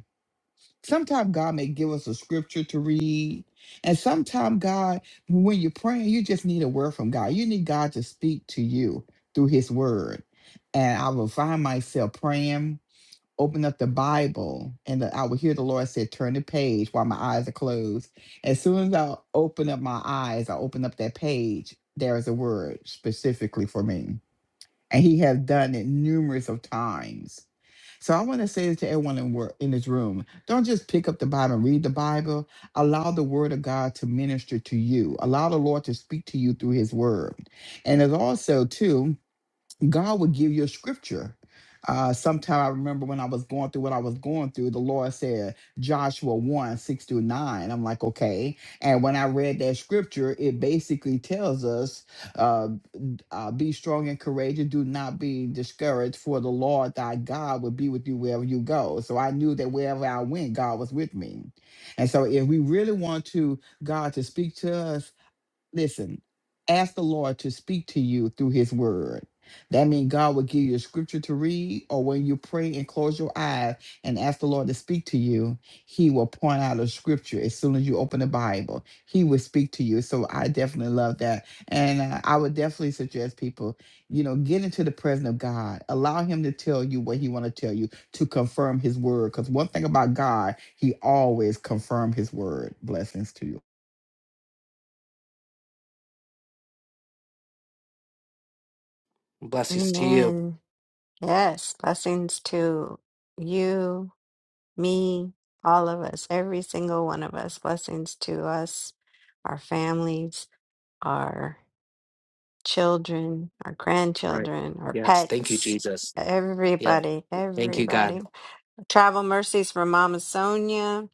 Sometimes God may give us a scripture to read. And sometimes, God, when you're praying, you just need a word from God. You need God to speak to you through his word. And I will find myself praying open up the Bible and that I would hear the Lord say, Turn the page while my eyes are closed. As soon as I open up my eyes, I open up that page, there is a word specifically for me. And he has done it numerous of times. So I want to say this to everyone in, wor- in this room. Don't just pick up the Bible and read the Bible. Allow the word of God to minister to you. Allow the Lord to speak to you through his word. And there's also too. God will give you a scripture. Uh, sometime I remember when I was going through what I was going through, the Lord said Joshua 1 6 through 9. I'm like, okay. And when I read that scripture, it basically tells us uh, uh, be strong and courageous, do not be discouraged, for the Lord thy God will be with you wherever you go. So I knew that wherever I went, God was with me. And so if we really want to God to speak to us, listen, ask the Lord to speak to you through his word. That means God will give you a scripture to read, or when you pray and close your eyes and ask the Lord to speak to you, he will point out a scripture as soon as you open the Bible. He will speak to you. So I definitely love that. And uh, I would definitely suggest people, you know, get into the presence of God. Allow him to tell you what he want to tell you to confirm his word. Because one thing about God, he always confirm his word. Blessings to you. Blessings to you. amen yes blessings to you me, all of us, every single one of us. Blessings to us, our families, our children, our Right. grandchildren, our Yes. Thank you, pets, Jesus. Yep. everybody, Thank you, God. everybody. Travel mercies for Mama Sonia.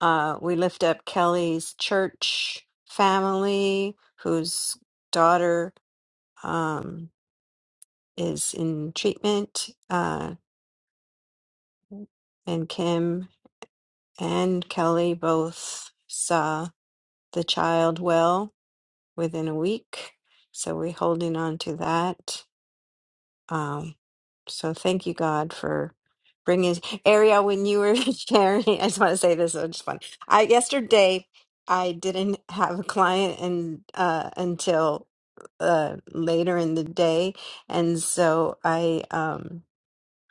Uh, we lift up Kelly's church family, whose daughter um, is in treatment, uh, and Kim and Kelly both saw the child well within a week. So we're holding on to that. Um, so thank you, God, for bringing Ariel. When you were sharing, I just want to say this was just fun. I yesterday I didn't have a client and uh, until uh, later in the day, and so I um.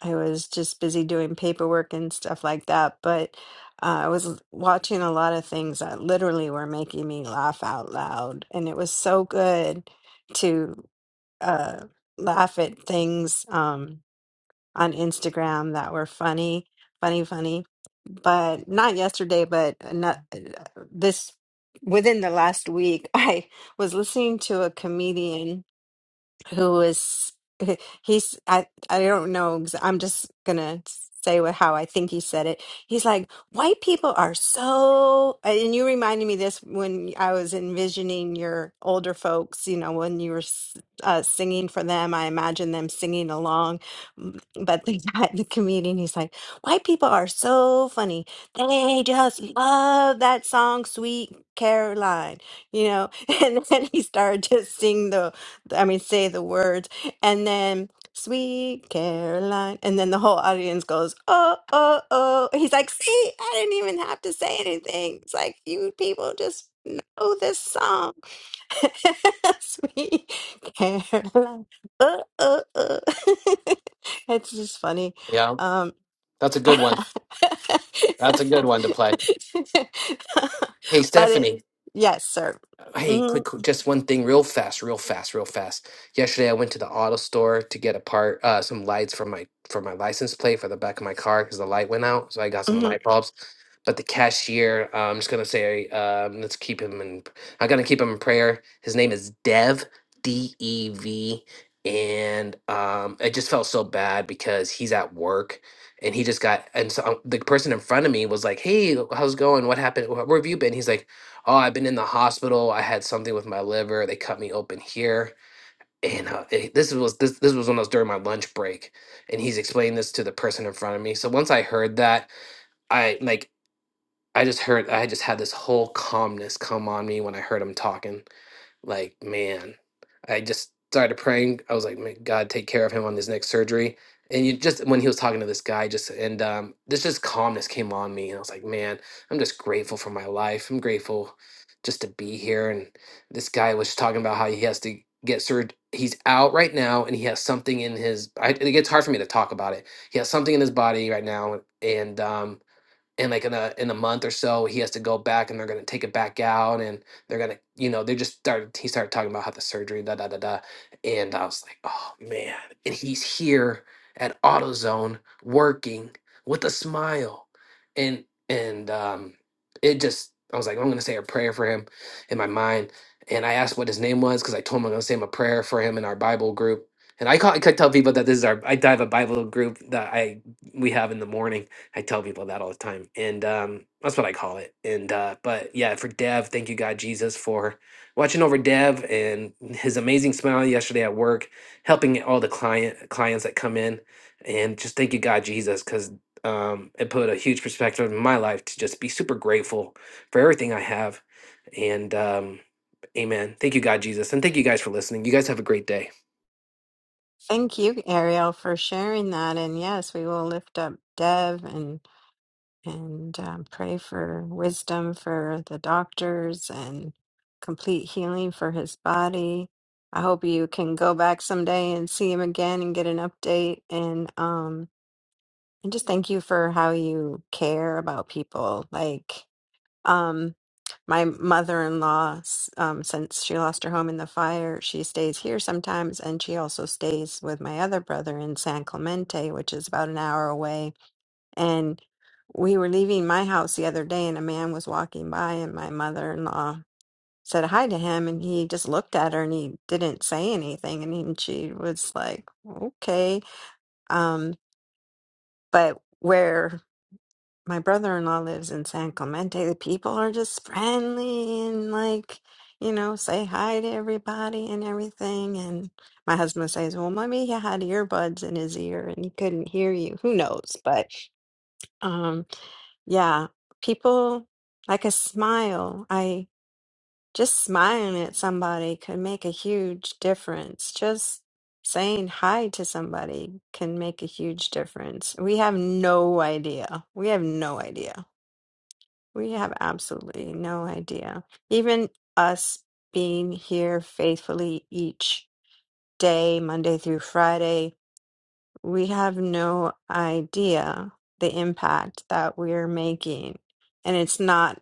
I was just busy doing paperwork and stuff like that, but uh, I was watching a lot of things that literally were making me laugh out loud. And it was so good to uh, laugh at things um, on Instagram that were funny, funny, funny. But not yesterday, but not this within the last week, I was listening to a comedian who is he's I I don't know ex- I'm just gonna say what how I think he said it. He's like white people are so and you reminded me this when I was envisioning your older folks. You know when you were s- uh, singing for them, I imagine them singing along. M- But the guy, the comedian, he's like white people are so funny. They just love that song, Sweet Caroline. You know, and then he started to sing the I mean, say the words, and then "Sweet Caroline," and then the whole audience goes, "Oh, oh, oh!" He's like, "See, I didn't even have to say anything. It's like you people just know this song, Sweet Caroline." Oh, oh, oh! It's just funny. Yeah. Um, That's a good one. That's a good one to play. Hey, but it, Stephanie. yes, sir. Hey, quick, quick, just one thing, real fast, real fast, real fast. Yesterday, I went to the auto store to get a part, uh, some lights for my for my license plate for the back of my car because the light went out. So I got some Mhm, light bulbs. But the cashier, uh, I'm just gonna say, um, let's keep him in. I'm gonna keep him in prayer. His name is Dev, D E V, and um, I just felt so bad because he's at work and he just got and so uh, the person in front of me was like, "Hey, how's it going? What happened? Wh- Where have you been?" He's like oh, I've been in the hospital. I had something with my liver. They cut me open here. And uh, it- this was this this was when I was during my lunch break, and he's explaining this to the person in front of me. So once I heard that, I like I just heard I just had this whole calmness come on me when I heard him talking like, man, I just started praying. I was like, "May God, take care of him on this next surgery. And you just when he was talking to this guy, just and um, this just calmness came on me, and I was like, man, I'm just grateful for my life. I'm grateful just to be here. And this guy was talking about how he has to get surgery. He's out right now, and he has something in his. I, it gets hard for me to talk about it. He has something in his body right now, and um, and like in a in a month or so he has to go back and they're gonna take it back out and they're gonna you know they just started he started talking about how the surgery da da da da and I was like oh man and he's here at AutoZone working with a smile and and um it just I was like I'm gonna say a prayer for him in my mind and I asked what his name was because I told him I'm gonna say him a prayer for him in our Bible group and I, call, I tell people that this is our I have a Bible group that I we have in the morning I tell people that all the time, and um, that's what I call it. And uh, but yeah, for Dev, thank you, God Jesus, for watching over Dev and his amazing smile yesterday at work, helping all the client clients that come in, and just thank you, God Jesus, because um, it put a huge perspective in my life to just be super grateful for everything I have, and um, Amen. Thank you, God Jesus, and thank you guys for listening. You guys have a great day. Thank you, Ariel, for sharing that. And yes, we will lift up Dev and and um, pray for wisdom for the doctors and complete healing for his body. I hope you can go back someday and see him again and get an update. And um, and just thank you for how you care about people. Like um, my mother-in-law, s- um, since she lost her home in the fire, she stays here sometimes, and she also stays with my other brother in San Clemente, which is about an hour away. And we were leaving my house the other day, and a man was walking by, and my mother-in-law said hi to him, and he just looked at her and he didn't say anything, and he, she was like, "Okay." Um, but where my brother-in-law lives in San Clemente. The people are just friendly and like, you know, say hi to everybody and everything. And my husband says, "Well, maybe he had earbuds in his ear and he couldn't hear you. Who knows?" But um, yeah, people like a smile. I just smiling at somebody could make a huge difference. Just saying hi to somebody can make a huge difference. We have no idea. We have no idea we have absolutely no idea. Even us being here faithfully each day, Monday through Friday, we have no idea the impact that we're making. And it's not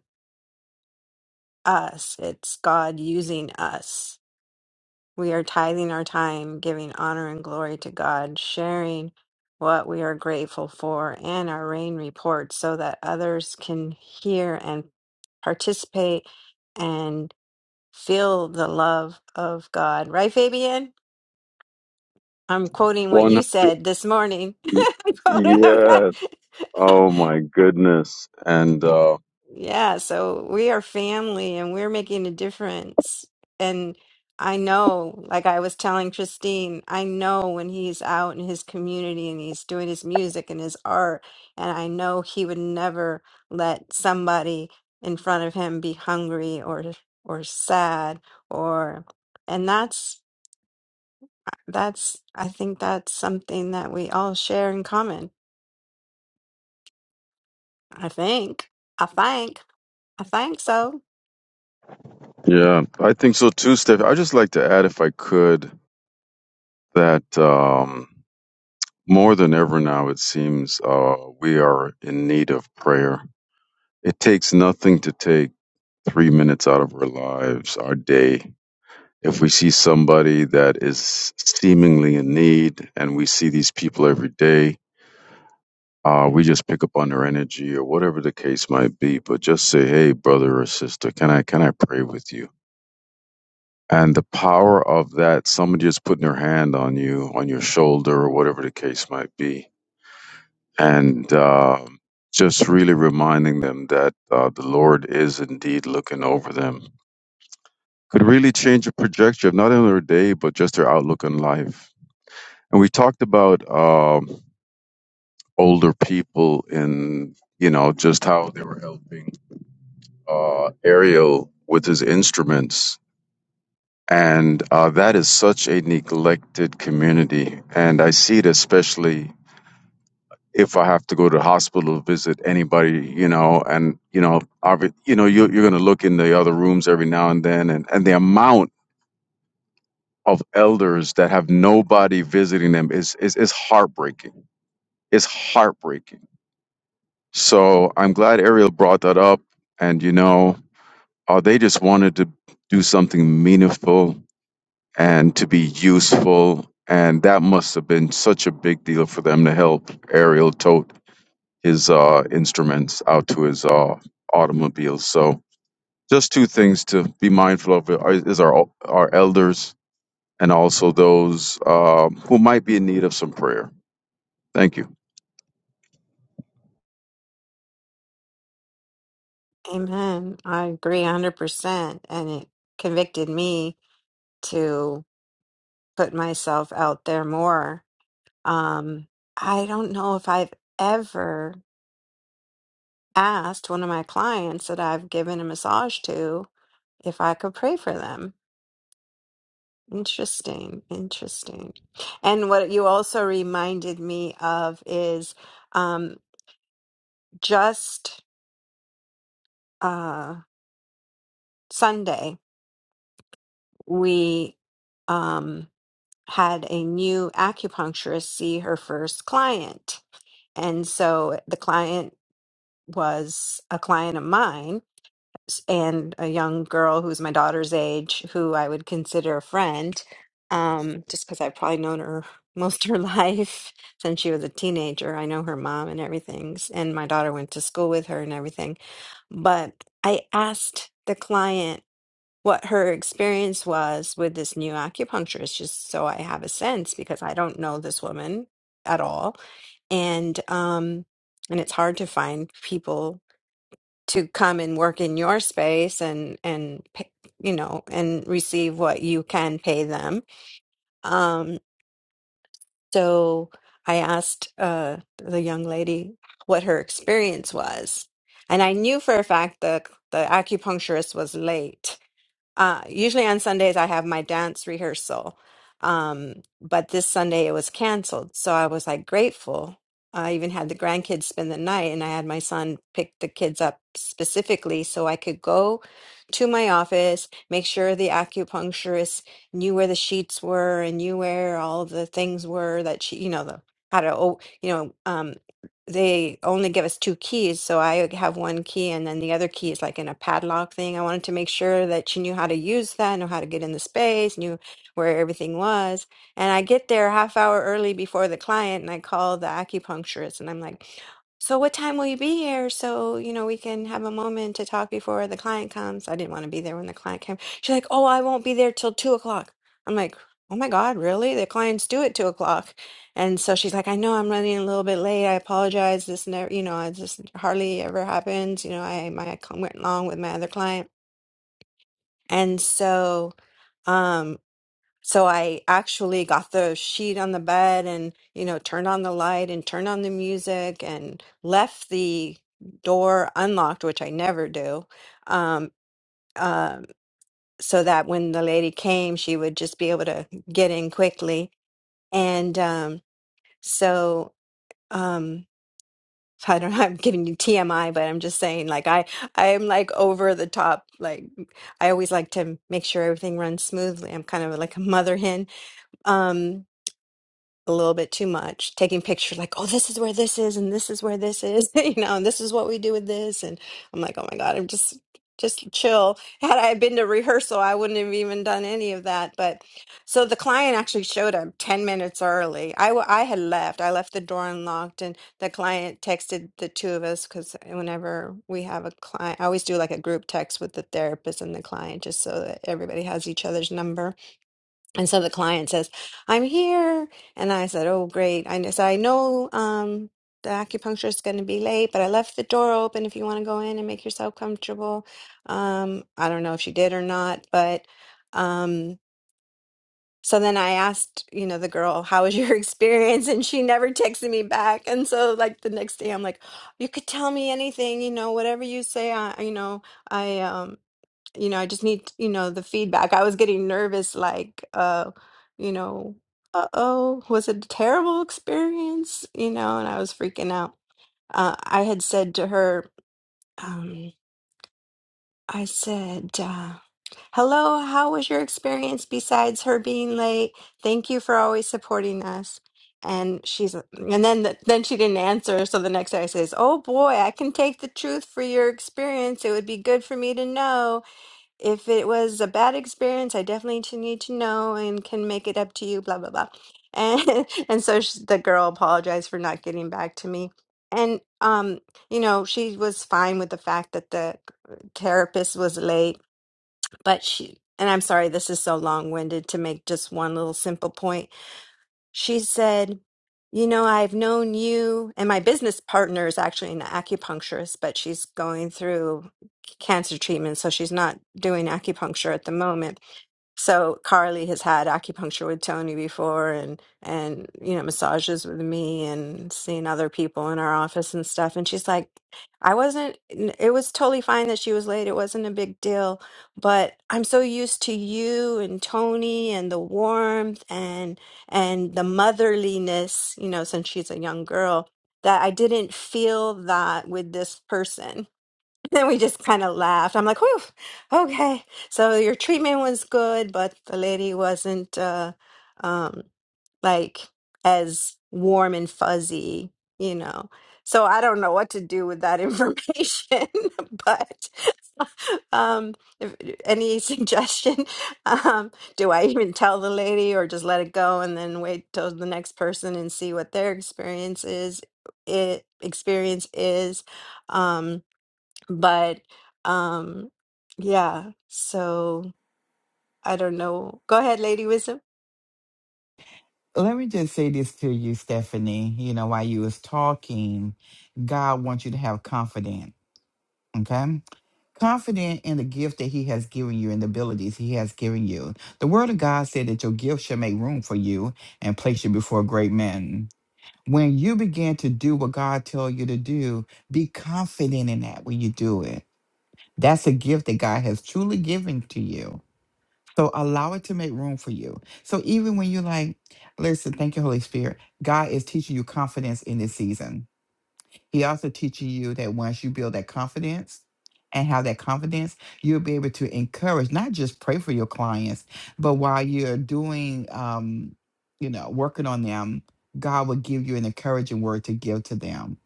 us, it's God using us. We are tithing our time, giving honor and glory to God, sharing what we are grateful for and our rain reports so that others can hear and participate Feel the love of God. Right, Fabian? I'm much. quoting what One you hundred. said this morning. Quote- Yes. Oh my goodness. And uh, yeah, so we are family and we're making a difference. And I know, like I was telling Christine, I know when he's out in his community and he's doing his music and his art, and I know he would never let somebody in front of him be hungry or or sad or and that's That's, I think that's something that we all share in common. I think. I think. I think so. yeah, I think so too, Steph. I just like to add, if I could, that um, more than ever now, it seems uh, we are in need of prayer. It takes nothing to take three minutes out of our lives, our day. If we see somebody that is seemingly in need, and we see these people every day, uh, we just pick up on their energy or whatever the case might be. But just say, "Hey, brother or sister, can I can I pray with you?" And the power of that, somebody just putting their hand on you, on your shoulder, or whatever the case might be, and um just really reminding them that uh, the Lord is indeed looking over them could really change a trajectory of not only their day but just their outlook on life. And we talked about um, older people and you know just how they were helping uh, Ariel with his instruments, and uh, that is such a neglected community. And I see it especially if I have to go to the hospital to visit anybody, you know, and you know, obvi- you know, you you're gonna look in the other rooms every now and then, and and the amount of elders that have nobody visiting them is is is heartbreaking. It's heartbreaking. So I'm glad Ariel brought that up. And you know, uh, they just wanted to do something meaningful and to be useful, and that must have been such a big deal for them to help Ariel tote his uh, instruments out to his uh, automobile. So just two things to be mindful of uh, is our our elders and also those um, who might be in need of some prayer. Thank you. Amen. I agree 100%. And it convicted me to put myself out there more. Um, I don't know if I've ever asked one of my clients that I've given a massage to if I could pray for them. Interesting, interesting. And what you also reminded me of is um, just uh, Sunday, we um, had a new acupuncturist see her first client. And so the client was a client of mine s- and a young girl who's my daughter's age, who I would consider a friend, um, just because I've probably known her most of her life since she was a teenager. I know her mom and everything, s- and my daughter went to school with her and everything. But I asked the client what her experience was with this new acupuncturist, just so I have a sense because I don't know this woman at all. And um and it's hard to find people to come and work in your space and and pay, you know and receive what you can pay them. Um so I asked uh the young lady what her experience was. And I knew for a fact the the acupuncturist was late uh, usually on Sundays, I have my dance rehearsal. Um, but this Sunday it was canceled. So I was like grateful. I even had the grandkids spend the night and I had my son pick the kids up specifically so I could go to my office, make sure the acupuncturist knew where the sheets were and knew where all the things were that she, you know, the, how to, oh, you know, um, they only give us two keys, so I have one key and then the other key is like in a padlock thing. I wanted to make sure that she knew how to use that, know how to get in the space, knew where everything was. And I get there a half hour early before the client and I call the acupuncturist and I'm like, "So what time will you be here so, you know, we can have a moment to talk before the client comes?" I didn't want to be there when the client came. She's like, "Oh, I won't be there till two o'clock." I'm like, "Oh my God, really? The clients do at two o'clock." And so she's like, I know I'm running a little bit late. I apologize. This never, you know, it just hardly ever happens. You know, I my I went along with my other client, and so um, so I actually got the sheet on the bed, and you know, turned on the light and turned on the music, and left the door unlocked, which I never do. Um, um, so that when the lady came, she would just be able to get in quickly, and um, so. Um, So, I don't know, I'm giving you TMI, but I'm just saying, like, I, I am like over the top. Like, I always like to make sure everything runs smoothly. I'm kind of like a mother hen. Um, a little bit too much, taking pictures like, oh, this is where this is, and this is where this is, you know, and this is what we do with this. And I'm like, oh my God, I'm just, just chill. Had I been to rehearsal, I wouldn't have even done any of that. But so the client actually showed up 10 minutes early. I, w- I had left, I left the door unlocked, and the client texted the two of us because whenever we have a client, I always do like a group text with the therapist and the client just so that everybody has each other's number and so the client says, I'm here. And I said, Oh, great. I said, I know um, the acupuncturist is going to be late, but I left the door open if you want to go in and make yourself comfortable. Um, I don't know if she did or not, but um, so then I asked, you know, the girl, How was your experience? And she never texted me back. And so, like, the next day, I'm like, You could tell me anything, you know, whatever you say, I, you know, I, um, you know, I just need, you know, the feedback. I was getting nervous, like, uh, you know, uh-oh, was it a terrible experience? You know, and I was freaking out. Uh, I had said to her, um, I said, uh, hello, how was your experience besides her being late? Thank you for always supporting us. And she's, and then the, then she didn't answer. So the next day I says, "Oh boy, I can take the truth for your experience. It would be good for me to know." if it was a bad experience, I definitely t- need to know and can make it up to you, blah, blah, blah. And, and so sh the girl apologized for not getting back to me. And, um, you know, she was fine with the fact that the therapist was late, but she, and I'm sorry, this is so long-winded to make just one little simple point, she said, You know, I've known you, and my business partner is actually an acupuncturist, but she's going through c- cancer treatment, so she's not doing acupuncture at the moment. So Carly has had acupuncture with Tony before and and you know massages with me and seen other people in our office and stuff and she's like I wasn't n- it was totally fine that she was late it wasn't a big deal but I'm so used to you and Tony and the warmth and and the motherliness you know since she's a young girl that I didn't feel that with this person then we just kind of laughed. I'm like, whew, okay. So your treatment was good, but the lady wasn't uh um like as warm and fuzzy, you know. So I don't know what to do with that information, but um if, any suggestion? Um do I even tell the lady or just let it go and then wait till the next person and see what their experience is it experience is? Um but um yeah, so I don't know. Go ahead, Lady Wisdom. Let me just say this to you, Stephanie. You know, while you was talking, God wants you to have confidence. Okay. Confident in the gift that he has given you and the abilities he has given you. The word of God said that your gift shall make room for you and place you before great men. When you begin to do what God tells you to do, be confident in that when you do it. That's a gift that God has truly given to you. So allow it to make room for you. So even when you're like, listen, thank you, Holy Spirit, God is teaching you confidence in this season. He also teaching you that once you build that confidence and have that confidence, you'll be able to encourage, not just pray for your clients, but while you're doing, um, you know, working on them, God will give you an encouraging word to give to them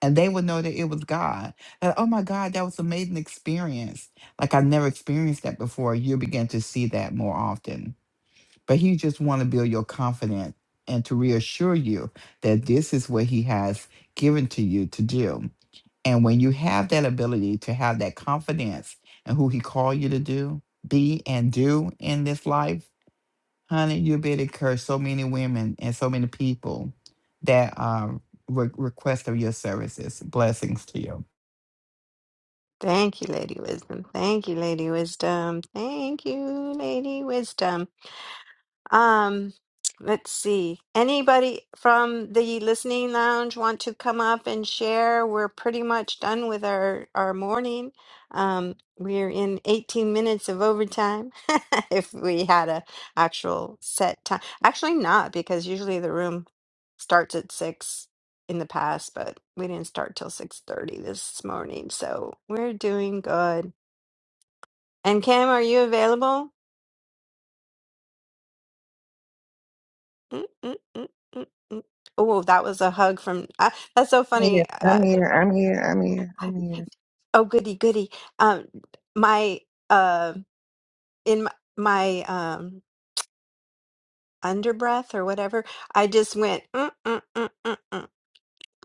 and they would know that it was God. That, oh my God, that was an amazing experience. Like I've never experienced that before. You begin to see that more often. But he just want to build your confidence and to reassure you that this is what he has given to you to do. And when you have that ability to have that confidence in who he called you to do, be and do in this life, Honey, you have been encouraged so many women and so many people that um, re- request of your services. Blessings to you. Thank you, Lady Wisdom. Thank you, Lady Wisdom. Thank you, Lady Wisdom. Um, let's see. Anybody from the listening lounge want to come up and share? We're pretty much done with our our morning. Um, we're in 18 minutes of overtime if we had a actual set time. Actually not because usually the room starts at 6 in the past, but we didn't start till 6:30 this morning. So, we're doing good. And Cam, are you available? Mm, mm, mm, mm, mm. Oh, that was a hug from. Uh, that's so Yeah, funny. Uh, I'm here. I'm here. I'm here. I'm here. oh, goody, goody. Um, my uh, in my, my um underbreath or whatever, I just went. Mm, mm, mm, mm, mm.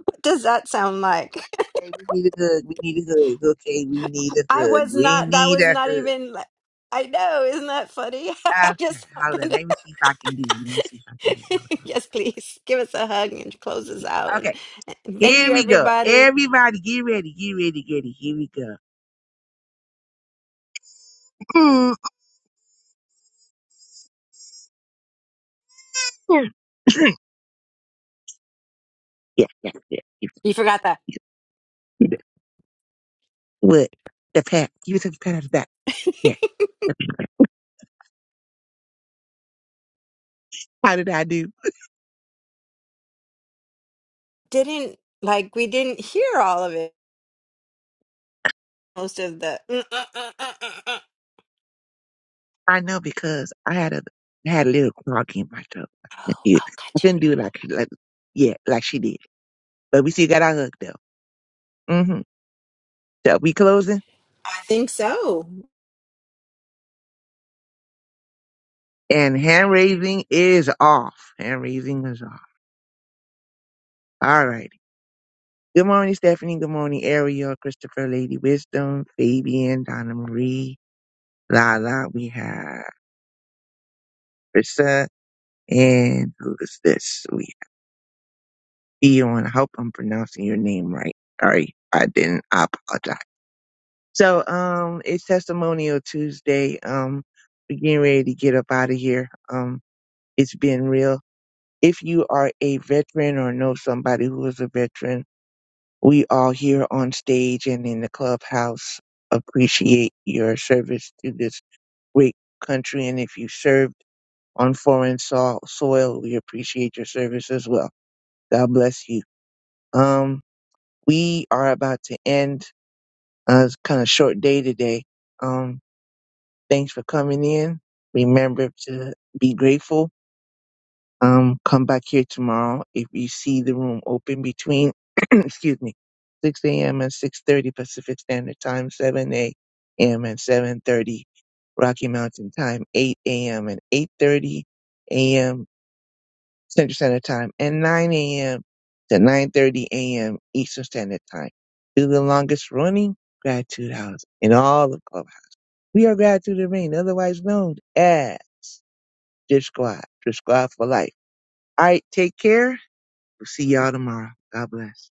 What does that sound like? Okay, we need a hug. We need a hug. Okay, we need a I hug. was We not. That need was a not hug. even. like- I know. Isn't that funny? I Okay, just hold on. happened. Let me see if I can do it. Let me see if I can do it. Hold on. yes, Let please give us a hug and close me see us if I out. can And, Okay, and thank here you, we go. everybody. Everybody, get ready. Get ready. Get ready. Here we go. Mm, mm. yeah, yeah, yeah. You- You forgot that. you- What? The pat. You took the pat on the back. Yeah. How did I do? didn't like we didn't hear all of it. Most of the uh, uh, uh, uh, uh, uh. I know because I had a I had a little clog in my throat. oh, I oh, gotcha. couldn't do it I couldn't do it like, like yeah, like she did. But we still got our hug though. Mm-hmm. that we closing I think so. and hand raising is off. Hand raising is off. All righty. Good morning, Stephanie. Good morning, Ariel, Christopher, Lady Wisdom, Fabian, Donna Marie, Lala. We have Krista. And who is this? We have Dion. I hope I'm pronouncing your name right. Sorry, if I didn't. I apologize. So, um, it's Testimonial Tuesday. Um, we're getting ready to get up out of here. Um, it's been real. if you are a veteran or know somebody who is a veteran, we all here on stage and in the clubhouse appreciate your service to this great country. And if you served on foreign so- soil, we appreciate your service as well. God bless you. Um, we are about to end. Uh, it's kind of short day today. Um, thanks for coming in. Remember to be grateful Um, come back here tomorrow if you see the room open between, excuse me, 6 a.m. and 6:30 Pacific Standard Time, 7 a.m. and 7:30 Rocky Mountain Time, 8 a.m. and 8:30 a.m. Central Standard Time, and 9 a.m. to 9:30 a.m. Eastern Standard Time. Do the longest running gratitude house in all of Clubhouse. We are gratitude and rain, otherwise known as Drip Squad, Drip Squad for life. All right, take care We'll See y'all tomorrow. God bless.